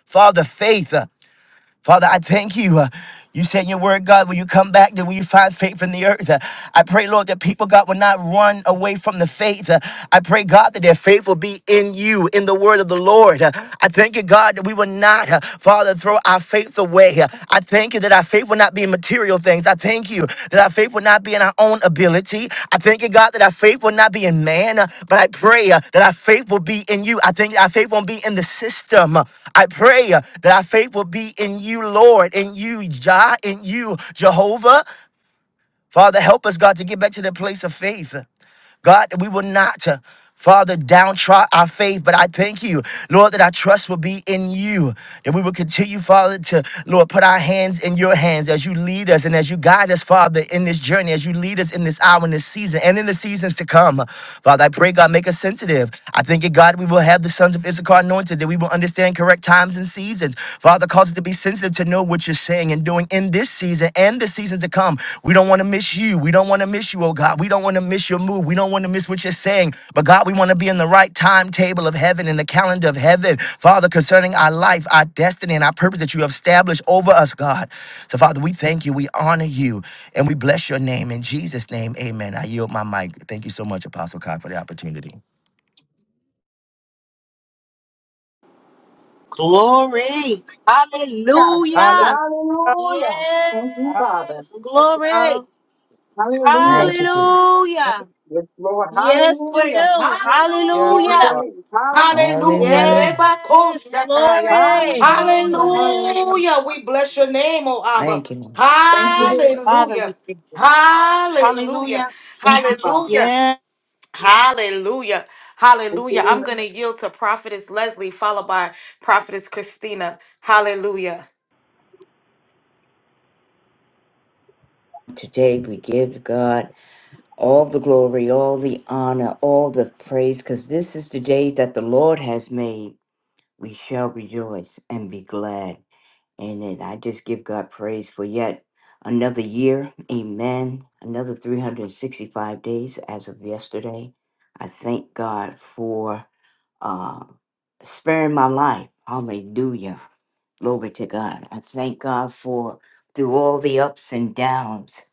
D: Father, faith. uh, Father, I thank you. uh, You said in your word, God, when you come back, that when you find faith in the earth, uh, I pray, Lord, that people, God, will not run away from the faith. uh, I pray, God, that their faith will be in you, in the word of the Lord. uh, I thank you, God, that we will not, uh, Father, throw our faith away. uh, I thank you that our faith faith will not be in material things. I thank you that our faith will not be in our own ability. I thank you, God, that our faith will not be in man, uh, but I pray uh, that our faith will be in you. I think our faith won't be in the system. I pray uh, that our faith will be in you, Lord, in you, Jah, in you, Jehovah. Father, help us, God, to get back to the place of faith. God, that we will not, uh, Father, downtrod our faith, but I thank you, Lord, that our trust will be in you, that we will continue, Father, to, Lord, put our hands in your hands as you lead us and as you guide us, Father, in this journey, as you lead us in this hour, in this season, and in the seasons to come. Father, I pray, God, make us sensitive. I thank you, God, we will have the sons of Issachar anointed, that we will understand correct times and seasons. Father, cause us to be sensitive to know know what you're saying and doing in this season and the seasons to come. We don't want to miss you. We don't want to miss you, oh God. We don't want to miss your move. We don't want to miss what you're saying. But God, we want to be in the right timetable of heaven, in the calendar of heaven, Father, concerning our life, our destiny, and our purpose that you have established over us, God. So, Father, we thank you. We honor you. And we bless your name. In Jesus' name, amen. I yield my mic. Thank you so much, Apostle Kai, for the opportunity.
E: Glory.
F: Hallelujah.
G: Hallelujah.
E: Hallelujah.
F: Hallelujah.
E: Yes.
F: Thank you, Father.
E: Glory.
G: Hallelujah.
F: Hallelujah.
G: Yes,
H: Thank you, Jesus.
G: thank you.
E: Hallelujah.
F: Yes, Lord.
E: Yes, we
A: Praise.
F: Hallelujah.
E: do.
F: We
G: Yes,
F: Give you
E: Hallelujah.
G: Lord.
A: Hallelujah.
F: praise. Hallelujah.
A: Hallelujah.
H: Hallelujah.
A: Reba
E: Yes.
A: Koshataya.
E: Glory.
F: Hallelujah. Hallelujah.
A: Hallelujah. We bless your name, O Abba.
H: Thank you. Lord.
F: Thank you,
E: Yes,
F: Lord.
E: Father,
A: Hallelujah.
E: we thank you.
A: Hallelujah.
E: Hallelujah.
F: Thank you, Father.
A: Hallelujah.
E: Yes.
A: Hallelujah.
F: Thank you,
A: Hallelujah. I'm
F: Lord.
A: going to yield to Prophetess Leslie, followed by Prophetess Christina. Hallelujah.
H: Today we give God all the glory, all the honor, all the praise, because this is the day that the Lord has made. We shall rejoice and be glad in it. I just give God praise for yet another year. Amen. Another 365 days as of yesterday. I thank God for uh, sparing my life. Hallelujah. Glory to God. I thank God for through all the ups and downs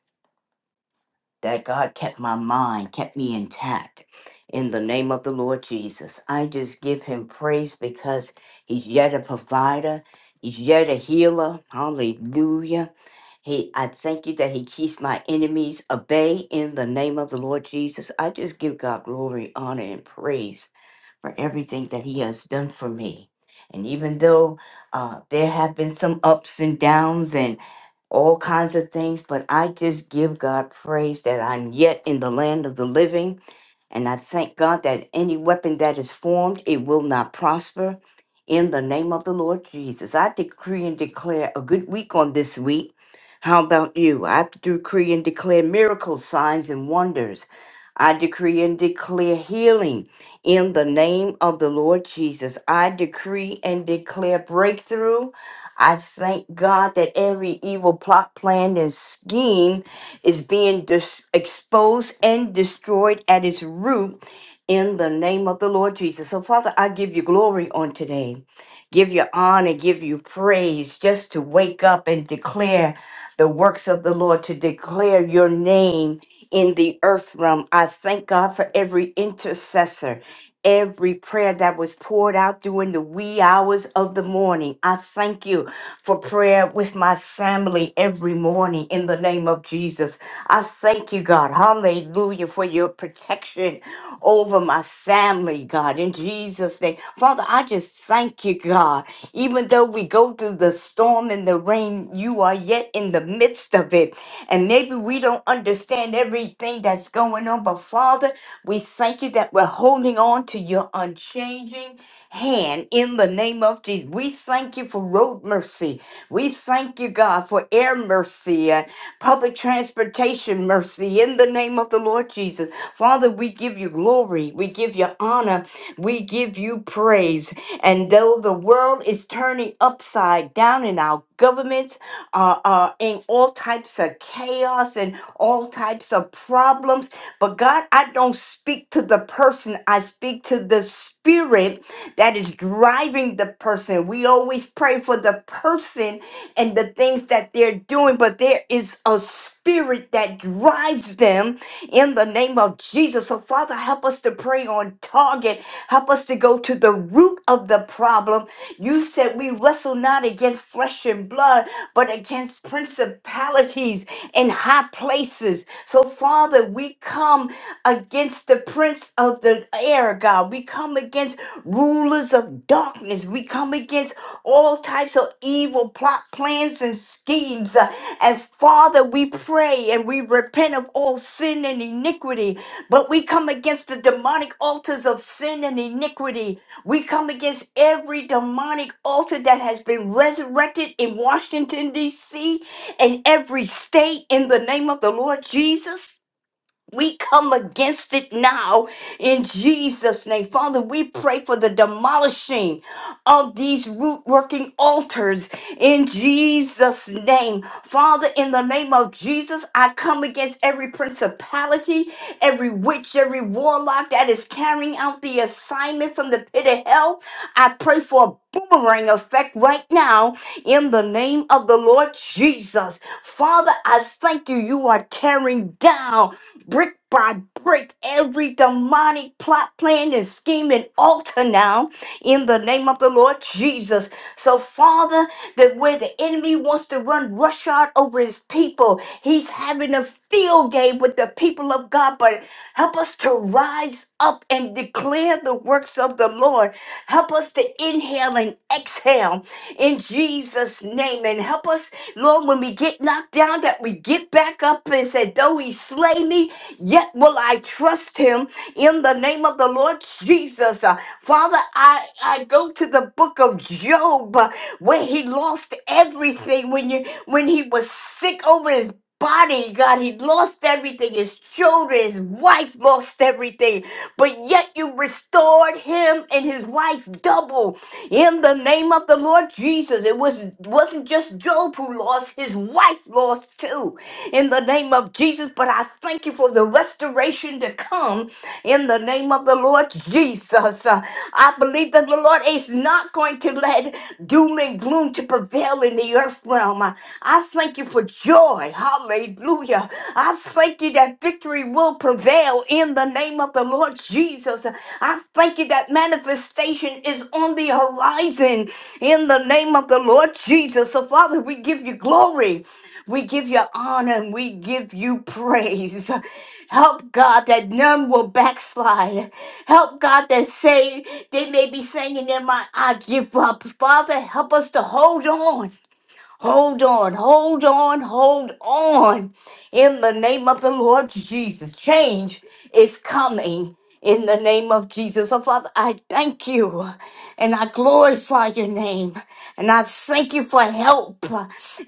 H: that God kept my mind, kept me intact. In the name of the Lord Jesus, I just give him praise because he's yet a provider, he's yet a healer. Hallelujah. He, I thank you that he keeps my enemies at bay in the name of the Lord Jesus. I just give God glory, honor, and praise for everything that He has done for me. And even though uh, there have been some ups and downs and all kinds of things, but I just give God praise that I'm yet in the land of the living and I thank God that any weapon that is formed, it will not prosper. In the name of the Lord Jesus, I decree and declare a good week on this week. How about you? I decree and declare miracles, signs, and wonders. I decree and declare healing in the name of the Lord Jesus. I decree and declare breakthrough. I thank God that every evil plot, plan, and scheme is being dis- exposed and destroyed at its root in the name of the Lord Jesus. So, Father, I give you glory on today. Give you honor, give you praise just to wake up and declare the works of the Lord, to declare your name in the earth realm. I thank God for every intercessor every prayer that was poured out during the wee hours of the morning. I thank you for prayer with my family every morning in the name of Jesus. I thank you, God. Hallelujah for your protection over my family, God. In Jesus' Jesus' name. Father, I just thank you, God. Even though we go through the storm and the rain, you are yet in the midst of it. And maybe we don't understand everything that's going on, but Father, we thank you that we're holding on to your unchanging hand in the name of Jesus. We thank you for road mercy. We thank you, God, for air mercy and public transportation mercy in the name of the Lord Jesus. Father, we give you glory. We give you honor. We give you praise. And though the world is turning upside down in our governments are, are in all types of chaos and all types of problems, but God, I don't speak to to the person, I speak to the spirit that is driving the person. We always pray for the person and the things that they're doing, but there is a spirit that drives them in the name of Jesus. So, Father, help us to pray on target. Help us to go to the root of the problem. You said we wrestle not against flesh and blood, but against principalities in high places. So, Father, we come against the prince of the air, God. We come against rulers of darkness. We come against all types of evil plot, plans, and schemes. Uh, And Father, we pray and we repent of all sin and iniquity. But we come against the demonic altars of sin and iniquity. We come against every demonic altar that has been resurrected in Washington, D.C. In every state in the name of the Lord Jesus. We come against it now in Jesus' name. Father, we pray for the demolishing of these root working altars in Jesus' name. Father, in the name of Jesus, I come against every principality, every witch, every warlock that is carrying out the assignment from the pit of hell. I pray for a boomerang effect right now in the name of the Lord Jesus. Father, I thank you. You are tearing down brick by brick every demonic plot, plan, and scheme and altar now in the name of the Lord Jesus. So, Father, that where the enemy wants to run roughshod over his people, he's having a field day with the people of God. But Help us to rise up and declare the works of the Lord. Help us to inhale and exhale in Jesus' name. And help us, Lord, when we get knocked down, that we get back up and say, Though he slay me, yet will I trust him in the name of the Lord Jesus. Uh, Father, I, I go to the book of Job uh, where he lost everything when you when he was sick over his body, God. He lost everything. His children, his wife lost everything. But yet you restored him and his wife double in the name of the Lord Jesus. It was wasn't just Job who lost, his wife lost too. In the name of Jesus. But I thank you for the restoration to come in the name of the Lord Jesus. Uh, I believe that the Lord is not going to let doom and gloom to prevail in the earth realm. Uh, I thank you for joy. Hallelujah. I thank you that victory will prevail in the name of the Lord Jesus. Uh, I thank you that manifestation is on the horizon in the name of the Lord Jesus. So, Father, we give you glory. We give you honor and we give you praise. Help God that none will backslide. Help God that say they may be saying in my I give up. Father, help us to hold on. Hold on, hold on, hold on in the name of the Lord Jesus. Change is coming in the name of Jesus. So, Father, I thank you and I glorify your name and I thank you for help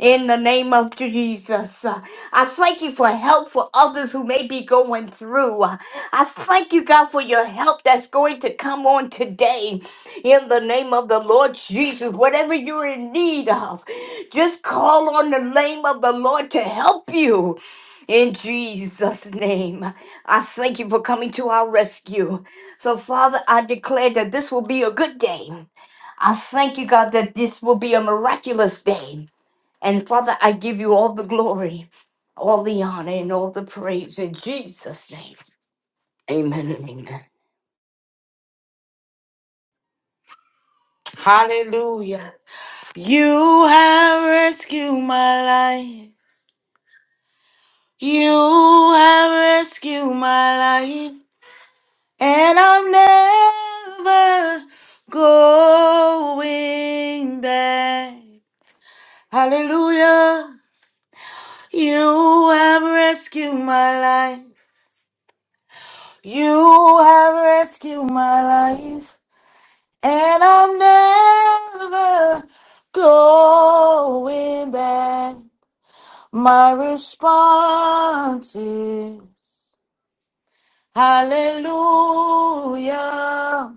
H: in the name of Jesus. I thank you for help for others who may be going through. I thank you, God, for your help that's going to come on today in the name of the Lord Jesus. Whatever you're in need of, just call on the name of the Lord to help you in Jesus' name, I thank you for coming to our rescue. So, Father, I declare that this will be a good day. I thank you, God, that this will be a miraculous day. And, Father, I give you all the glory, all the honor, and all the praise in Jesus' name. Amen and amen.
A: Hallelujah. You have rescued my life. You have rescued my life, and I'm never going back. Hallelujah. You have rescued my life. You have rescued my life, and I'm never going back. My response is Hallelujah.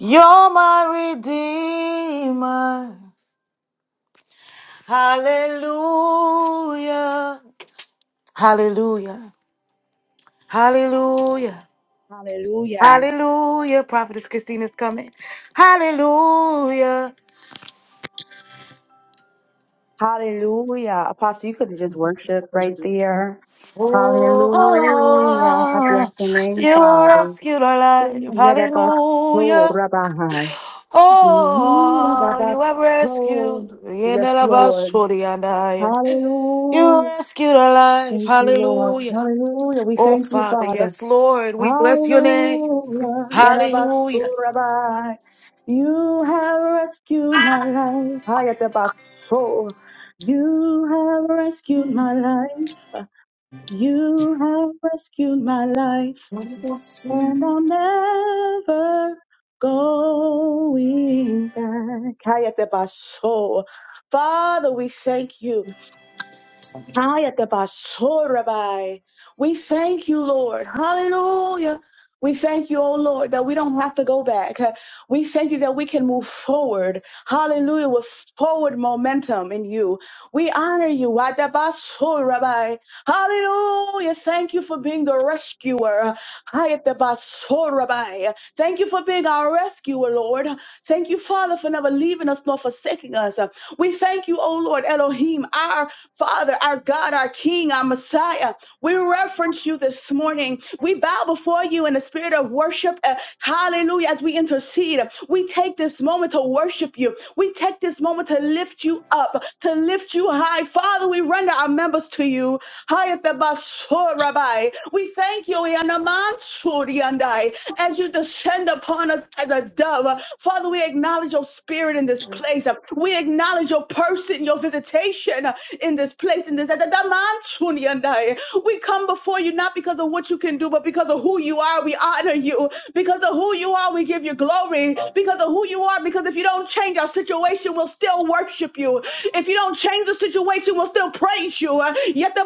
A: You're my redeemer. Hallelujah. Hallelujah. Hallelujah.
F: Hallelujah.
A: Hallelujah. Prophetess Christine is coming. Hallelujah.
F: Hallelujah. Apostle, you could have just worshiped right there. Hallelujah. I
A: Oh,
F: bless the name,
A: you
F: Father.
A: rescued our life.
F: Yadabaso
A: Hallelujah.
F: rabahai.
A: Oh, you have
F: Yadabaso.
A: rescued.
F: Yes, Lord.
A: You
F: Hallelujah.
A: rescued our life.
F: Thank you, Lord.
A: Hallelujah.
F: Hallelujah. We
A: Oh,
F: thank you,
A: Father,
F: Father.
A: yes, Lord, we bless your name.
F: Hallelujah.
A: Hallelujah.
F: Yadabasurabai. You have rescued my life. Hayatabaso. You have rescued my life. You have rescued my life. And I'm never going back. Hayatabaso. Father, we thank you. Ayatabasorabai. We thank you, Lord. Hallelujah. We thank you, oh Lord, that we don't have to go back. We thank you that we can move forward. Hallelujah. With forward momentum in you. We honor you. Ayatabasorabai. Hallelujah. Thank you for being the rescuer. Ayatabasorabai. Thank you for being our rescuer, Lord. Thank you, Father, for never leaving us nor forsaking us. We thank you, oh Lord, Elohim, our Father, our God, our King, our Messiah, we reference you this morning. We bow before you in the spirit of worship. Uh, hallelujah. As we intercede, we take this moment to worship you. We take this moment to lift you up, to lift you high. Father, we render our members to you. Hayatabasho, Rabbi. We thank you, Yanamansuri and I, as you descend upon us as a dove. Father, we acknowledge your spirit in this place. We acknowledge your person, your visitation in this place, in this. Yatadamanshuri and I. We come before you not because of what you can do, but because of who you are. We honor you. Because of who you are, we give you glory. Because of who you are, because if you don't change our situation, we'll still worship you. If you don't change the situation, we'll still praise you. Yet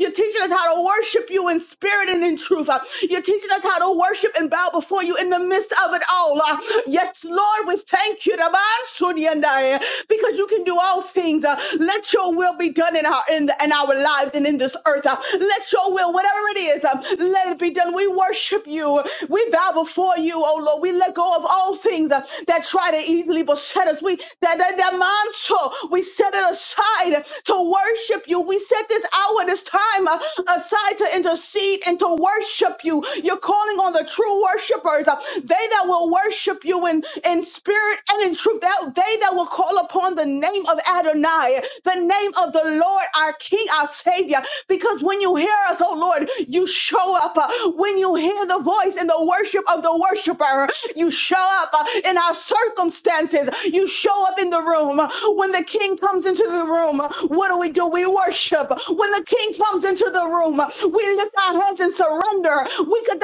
F: you're teaching us how to worship you in spirit and in truth. Uh, You're teaching us how to worship and bow before you in the midst of it all. Uh, Yes, Lord, we thank you Rabansuriandai, because you can do all things. Uh, Let your will be done in our in, the, in our lives and in this earth. Uh, Let your will, whatever it is, um, let it be done. We worship you. We bow before you, oh Lord. We let go of all things uh, that try to easily beset us. We that that, that manso, we set it aside to worship worship you. We set this hour, this time uh, aside to intercede and to worship you. You're calling on the true worshipers, uh, they that will worship you in, in spirit and in truth, that they that will call upon the name of Adonai, the name of the Lord, our King, our Savior. Because when you hear us, oh Lord, you show up. Uh, When you hear the voice and the worship of the worshiper, you show up uh, in our circumstances. You show up in the room. When the King comes into the room, what do we do? you. We worship. When the king comes into the room, we lift our hands and surrender. We could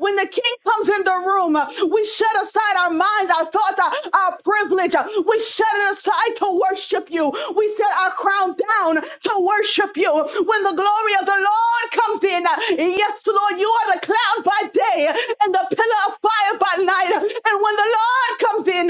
F: when the king comes in the room, we set aside our minds, our thoughts, our, our privilege. We set it aside to worship you. We set our crown down to worship you. When the glory of the Lord comes in, yes, Lord, you are the cloud by day and the pillar of fire by night. And when the Lord comes in,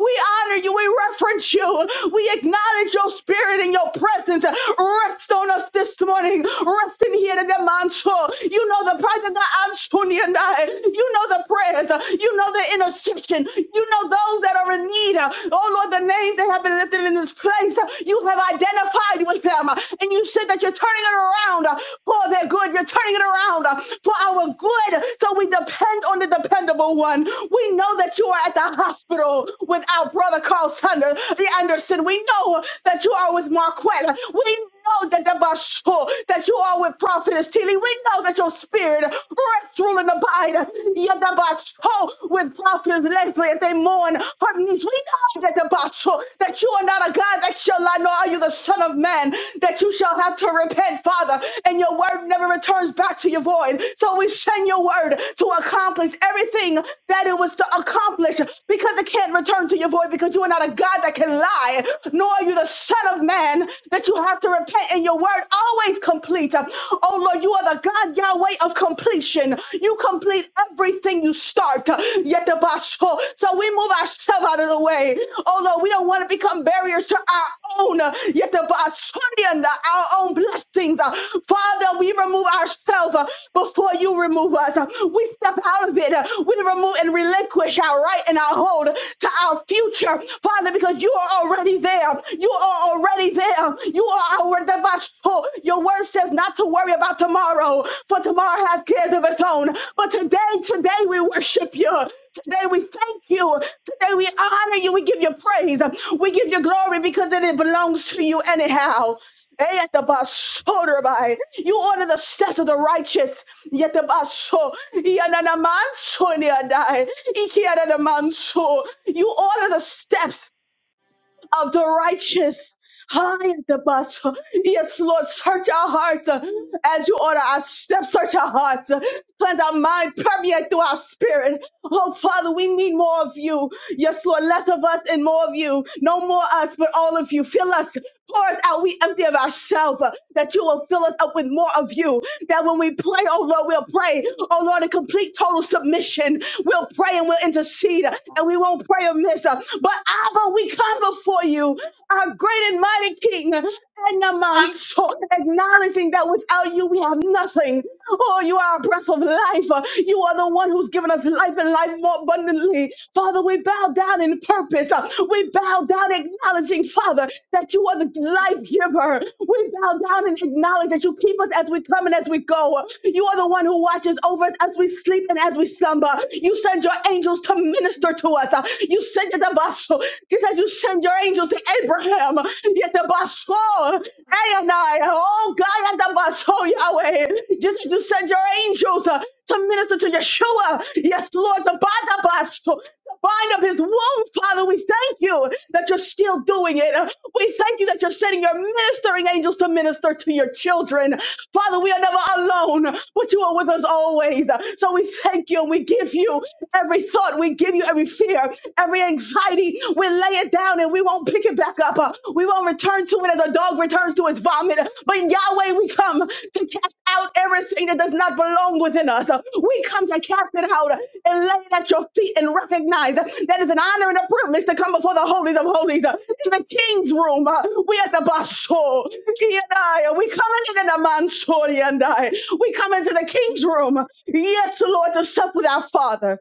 F: we honor you, we reference you, we acknowledge your spirit and your presence. Rest on us this morning. Rest in here to the manso. You know the presence that I'm Sunni and I. You know the prayers. You know the intercession. You know those that are in need. Oh Lord, the names that have been lifted in this place. You have identified with them. And you said that you're turning it around for their good. You're turning it around for our good. So we depend on the dependable one. We know that you are at the hospital with our brother Carl Sanders, the under Anderson. We know that you are with Marquette. We know that the Basho, that you are with Prophetess Tilly. We know that your spirit rests, rule, and abide. Yadabasho with Prophetess Leslie as they mourn her niece. We know that the Basho, that you are not a God that shall lie, nor are you the Son of Man, that you shall have to repent, Father, and your word never returns back to your void. So we send your word to accomplish everything that it was to accomplish because it can't return to your void because you are not a God that can and lie, nor are you the Son of Man that you have to repent. And your word always complete. Oh Lord, you are the God Yahweh of completion. You complete everything you start. Yet the basho. So we move ourselves out of the way. Oh Lord, we don't want to become barriers to our own. Yet the basho, our own blessings. Father, we remove ourselves uh, before you remove us. Uh, We step out of it. Uh, We remove and relinquish our right and our hold to our future, Father, because because you are already there. You are already there. You are our devotion. Your word says not to worry about tomorrow, for tomorrow has cares of its own. But today, today we worship you. Today we thank you. Today we honor you. We give you praise. We give you glory because it belongs to you anyhow. Eh, at the bus, by. You order the steps of the righteous. Yet the bus, so, yanana man, so near die. so. You order the steps of the righteous. High at the bus. Yes, Lord, search our hearts uh, as you order our steps. Search our hearts. uh, Cleanse our mind. Permeate through our spirit. Oh, Father, we need more of you. Yes, Lord, less of us and more of you. No more us, but all of you. Fill us. Pour us out. We empty of ourselves. uh, That you will fill us up with more of you. That when we pray, oh Lord, we'll pray. Oh Lord, in complete total submission. We'll pray and we'll intercede. uh, And we won't pray amiss. uh, But Abba, we come before before you, our great and mighty King, Enamanso, acknowledging that without you we have nothing. Oh, you are a breath of life. You are the one who's given us life and life more abundantly. Father, we bow down in purpose. We bow down acknowledging, Father, that you are the life giver. We bow down and acknowledge that you keep us as we come and as we go. You are the one who watches over us as we sleep and as we slumber. You send your angels to minister to us. You send it above basso. Just as you send your angels to Abraham, yet the basso, Ayani, oh God, and the basso, Yahweh. Just as you send your angels uh, to minister to Yeshua, yes, Lord, the bada basso, the bind up his womb, Father. We thank you that you're still doing it. Uh, We thank you that you're sending your ministering angels to minister to your children. Father, we are never alone, but you are with us always. So we thank you and we give you every thought, we give you every every fear, every anxiety. We lay it down and we won't pick it back up. Uh, We won't return to it as a dog returns to his vomit. But Yahweh, we come to cast out everything that does not belong within us. Uh, We come to cast it out and lay it at your feet and recognize that it's an honor and a privilege to come before the holies of holies. Uh, In the king's room, uh, we at the basso. He and I, we come into the mansori and I. We come into the king's room. Yes, Lord, to sup with our Father.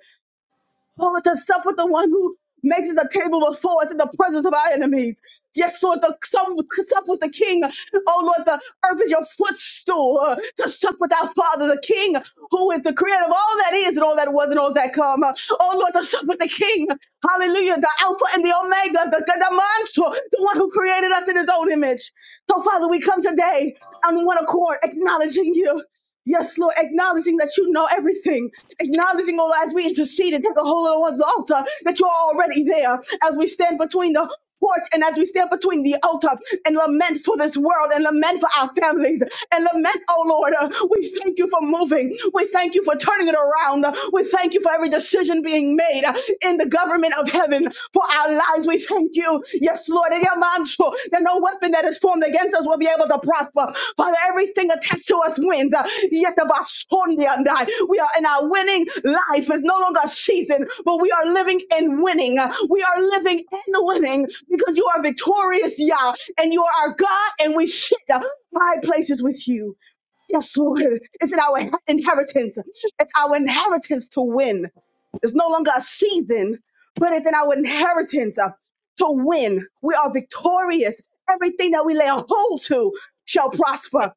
F: Oh, to sup with the one who makes the table before us in the presence of our enemies. Yes, Lord, to sup, sup with the King. Oh, Lord, the earth is your footstool. Uh, To sup with our Father, the King, who is the creator of all that is and all that was and all that come. Uh, Oh, Lord, to sup with the King. Hallelujah, the Alpha and the Omega, the, the, the monster, the one who created us in his own image. So, Father, we come today on one accord, acknowledging you. Yes, Lord, acknowledging that you know everything, acknowledging, oh, Lord, as we intercede and take a hold on the altar, that you're already there as we stand between the porch and as we stand between the altar and lament for this world and lament for our families and lament, oh Lord, uh, we thank you for moving. We thank you for turning it around. We thank you for every decision being made uh, in the government of heaven for our lives. We thank you. Yes, Lord. in your mind, so That no weapon that is formed against us will be able to prosper. Father, everything attached to us wins. Uh, Yet of us and I. We are in our winning life. It's no longer a season, but we are living in winning. Uh, We are living in winning because you are victorious, Yah, and you are our God, and we sit uh, high places with you. Yes, Lord. It's in our inheritance. It's our inheritance to win. It's no longer a season, but it's in our inheritance uh, to win. We are victorious. Everything that we lay a hold to shall prosper.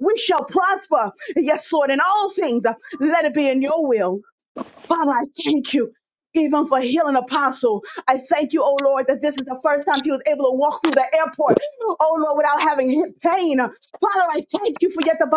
F: We shall prosper. Yes, Lord, in all things. Uh, Let it be in your will. Father, I thank you. Even for healing apostle. I thank you, oh Lord, that this is the first time she was able to walk through the airport, oh Lord, without having hip pain. Father, I thank you for yet the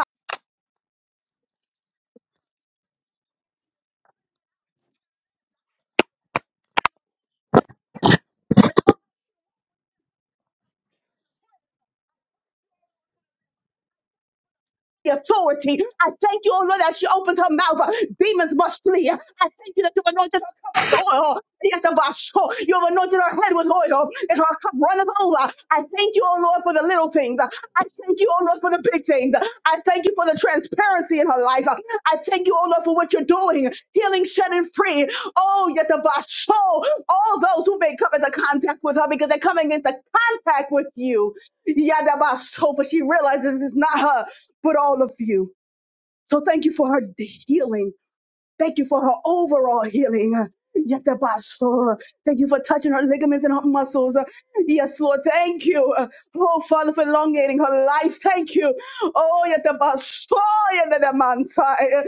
F: the authority. I thank you, oh Lord, that she opens her mouth. uh, Demons must flee. I thank you that you've anointed her cup with oil. Yes, of our soul. You've anointed her head with oil, and her cup runneth over. I thank you, oh Lord, for the little things. I thank you, oh Lord, for the big things. I thank you for the transparency in her life. I thank you, oh Lord, for what you're doing. Healing, setting free. Oh, yet of our soul. All those who may come into contact with her because they're coming into contact with you. Yadabaso, for she realizes it's not her but all of you. So thank you for her healing. Thank you for her overall healing. Yetabaso. Thank you for touching her ligaments and her muscles. Yes, Lord, thank you. Oh, Father, for elongating her life. Thank you. Oh, yetabaso, yetadamansai.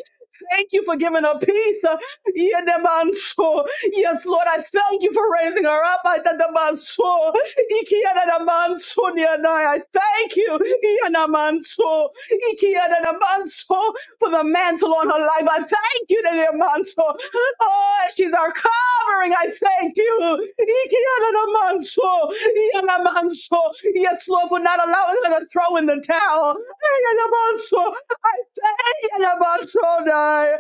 F: Thank you for giving her peace. Yetamanso. Yes, Lord, I thank you for raising her up. Yetadamanso. Ikiyadadamanso, niyanai. I thank you. Yanamanso. Ikiyanadamanso for the mantle on her life. I thank you, dear your mantle. Oh, she's our covering. I thank you. Ikianamanso, Ianamanso. Yes, Lord, for not allowing her to throw in the towel. Ianamanso. I thank Ianamanso, Dai.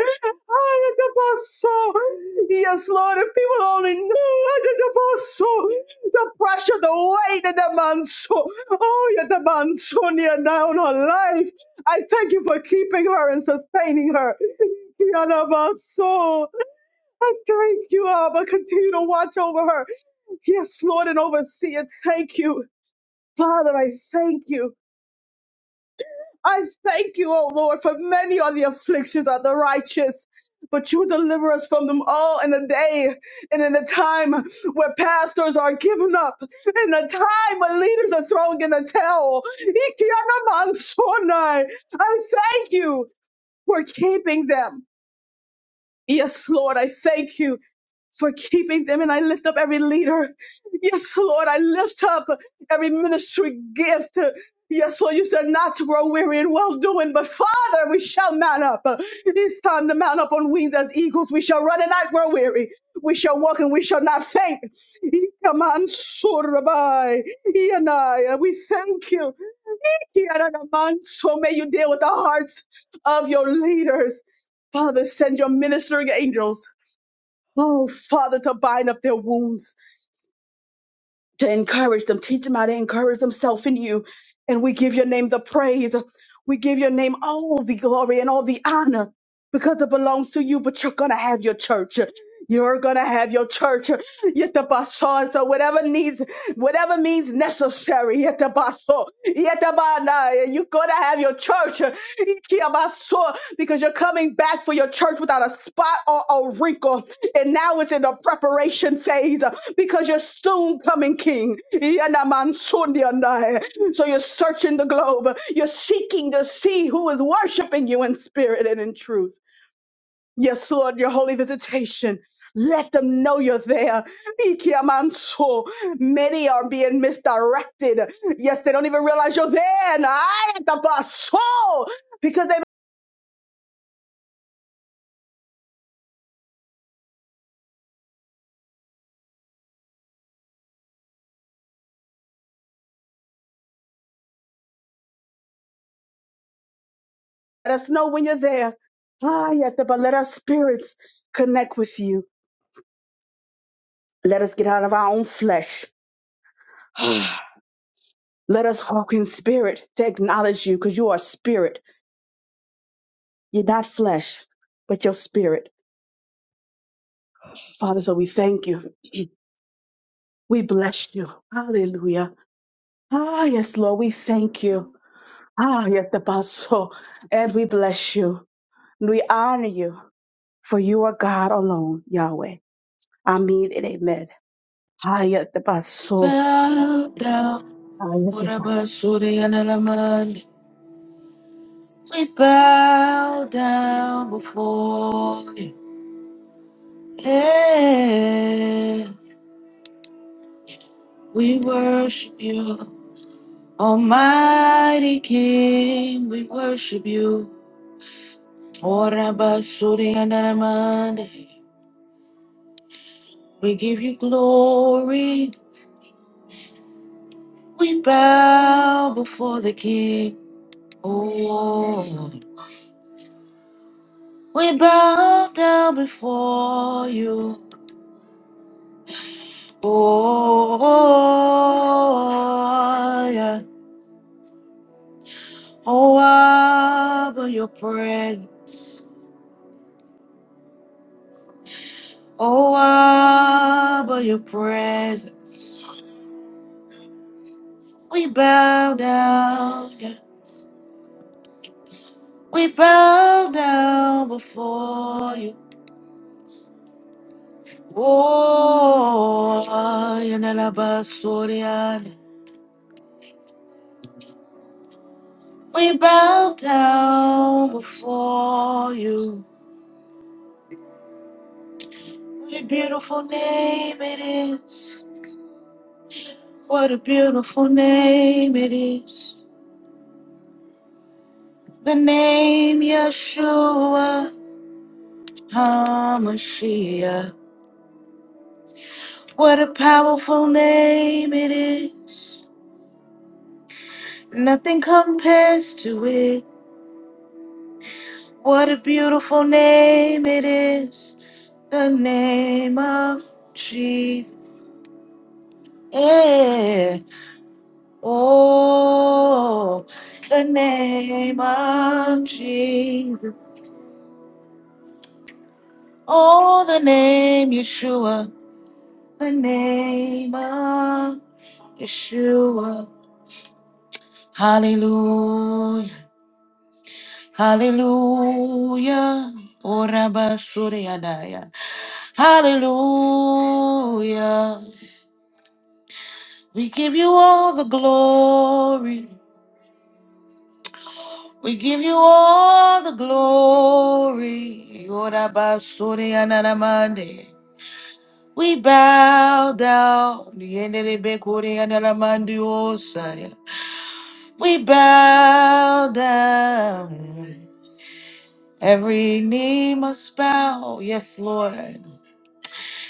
F: Ianamanso. Yes, Lord, if people only knew Ianamanso, the pressure, the weight, and the manso. Oh, yeah, the manso near down her life. I thank you for keeping her and sustaining her. Yana soul. I thank you, Abba. Continue to watch over her. Yes, Lord, and oversee it. Thank you. Father, I thank you. I thank you, O Lord, for many are the afflictions of the righteous. But you deliver us from them all in a day and in a time where pastors are given up, in a time when leaders are throwing in the towel. Ikiana mansonai. I thank you for keeping them. Yes, Lord, I thank you for keeping them. And I lift up every leader. Yes, Lord, I lift up every ministry gift. Yes, Lord, you said not to grow weary in well doing, but Father, we shall mount up. It's time to mount up on wings as eagles. We shall run and not grow weary. We shall walk and we shall not faint. Ikaman surabai, Ianai. We thank you. So may you deal with the hearts of your leaders. Father, send your ministering angels, oh, Father, to bind up their wounds to encourage them. Teach them how to encourage themselves in you. And we give your name the praise. We give your name all the glory and all the honor because it belongs to you, but you're going to have your church. You're going to have your church. Yet the basso, So whatever needs, whatever means necessary. Yet the basso, yet the bana, You're going to have your church Ikia basso, because you're coming back for your church without a spot or a wrinkle. And now it's in the preparation phase because you're soon coming king. Yanamansundiandai. So you're searching the globe. You're seeking to see who is worshiping you in spirit and in truth. Yes, Lord, your holy visitation. Let them know you're there. Ikiamanso. Many are being misdirected. Yes, they don't even realize you're there. And I at the bus. Oh, because they let us know when you're there. Ah, yet, but let our spirits connect with you. Let us get out of our own flesh Let us walk in spirit to acknowledge you because you are spirit. You're not flesh, but your spirit. Father, so we thank you. We bless you. Hallelujah. Ah, yes, Lord, we thank you. Ah, yes, the Basso. And we bless you. We honor you, for you are God alone, Yahweh. Amen and amen. Ah, yes, the Basso. Ah, yes, the Basso.
A: We bow down before you. We worship you, Almighty King. We worship you. Ora basuri andaramande. We give you glory. We bow before. We bow down before you. Oh, yeah. Oh, Abba, your presence. Oh, Abba, your presence. Bow down before you. Oh, you know about Sorian. We bow down for you. We bow down for you. Hallelujah. Oh, Rabba Soriadaya. Hallelujah. We give you all the glory. We give you all the glory. Yorabasuri anaramande. We bow down. Yendelebekuri anaramandi osaya. We bow down. Every knee must bow. Yes, Lord.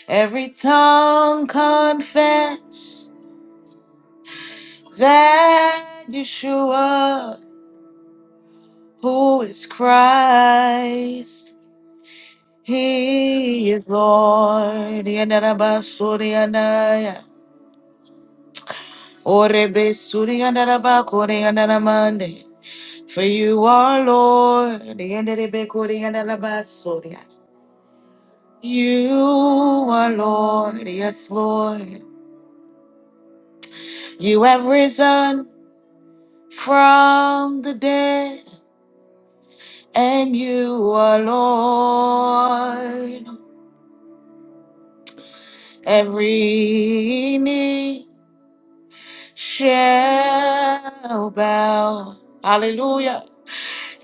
A: Every tongue confess that Yeshua, who is Christ. He is Lord. Yandaraba Suriandaya. Orebe Suriandaraba Koreandaramande. For you are Lord. Yandarebe Koreandaraba Surya. You are Lord. Yes, Lord. You have risen from the dead. And you are Lord. Every knee shall bow. Hallelujah.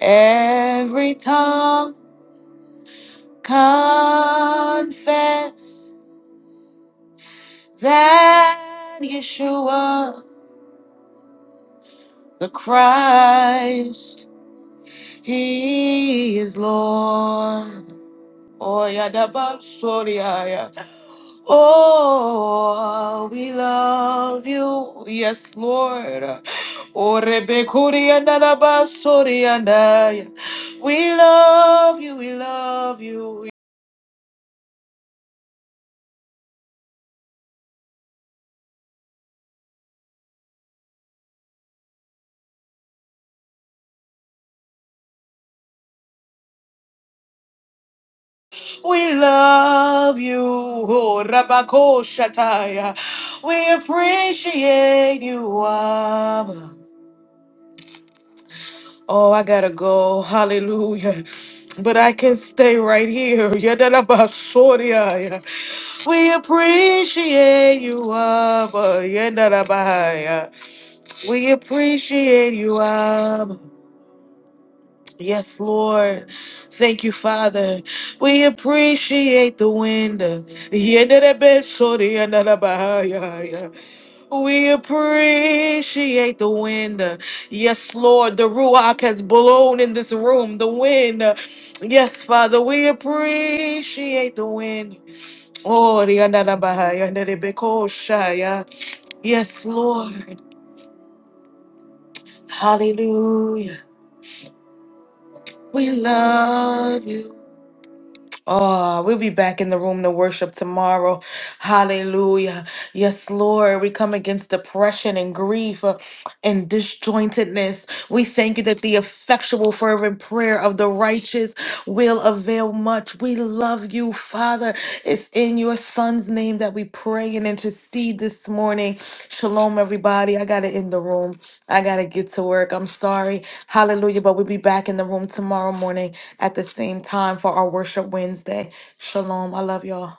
A: Every tongue confess that Yeshua the Christ, He is Lord. Oh, yeah, Oh, we love you. Yes, Lord. Oh, Rebekuri and Alabasuri and I. We love you. We love you. We love you. Oh, Rabako Shataya. We appreciate you, Abba. Oh, I gotta go. Hallelujah. But I can stay right here. Yadalabasoria. We appreciate you, Abba. Yadalabahaya. We appreciate you, Abba. Yes, Lord. Thank you, Father. We appreciate the wind. Yenderebesoriandarabahaya. We appreciate the wind. Yes, Lord. The Ruach has blown in this room. The wind. Yes, Father. We appreciate the wind. Oh, riandarabahaya, nerebekoshaya. Yes, Lord. Hallelujah. We love you. Oh, we'll be back in the room to worship tomorrow. Hallelujah. Yes, Lord, we come against depression and grief uh, and disjointedness. We thank you that the effectual, fervent prayer of the righteous will avail much. We love you, Father, it's in your son's name that we pray and intercede this morning. Shalom, everybody. I got to in the room. I got to get to work. I'm sorry. Hallelujah. But we'll be back in the room tomorrow morning at the same time for our worship Wednesday. Shalom. I love y'all.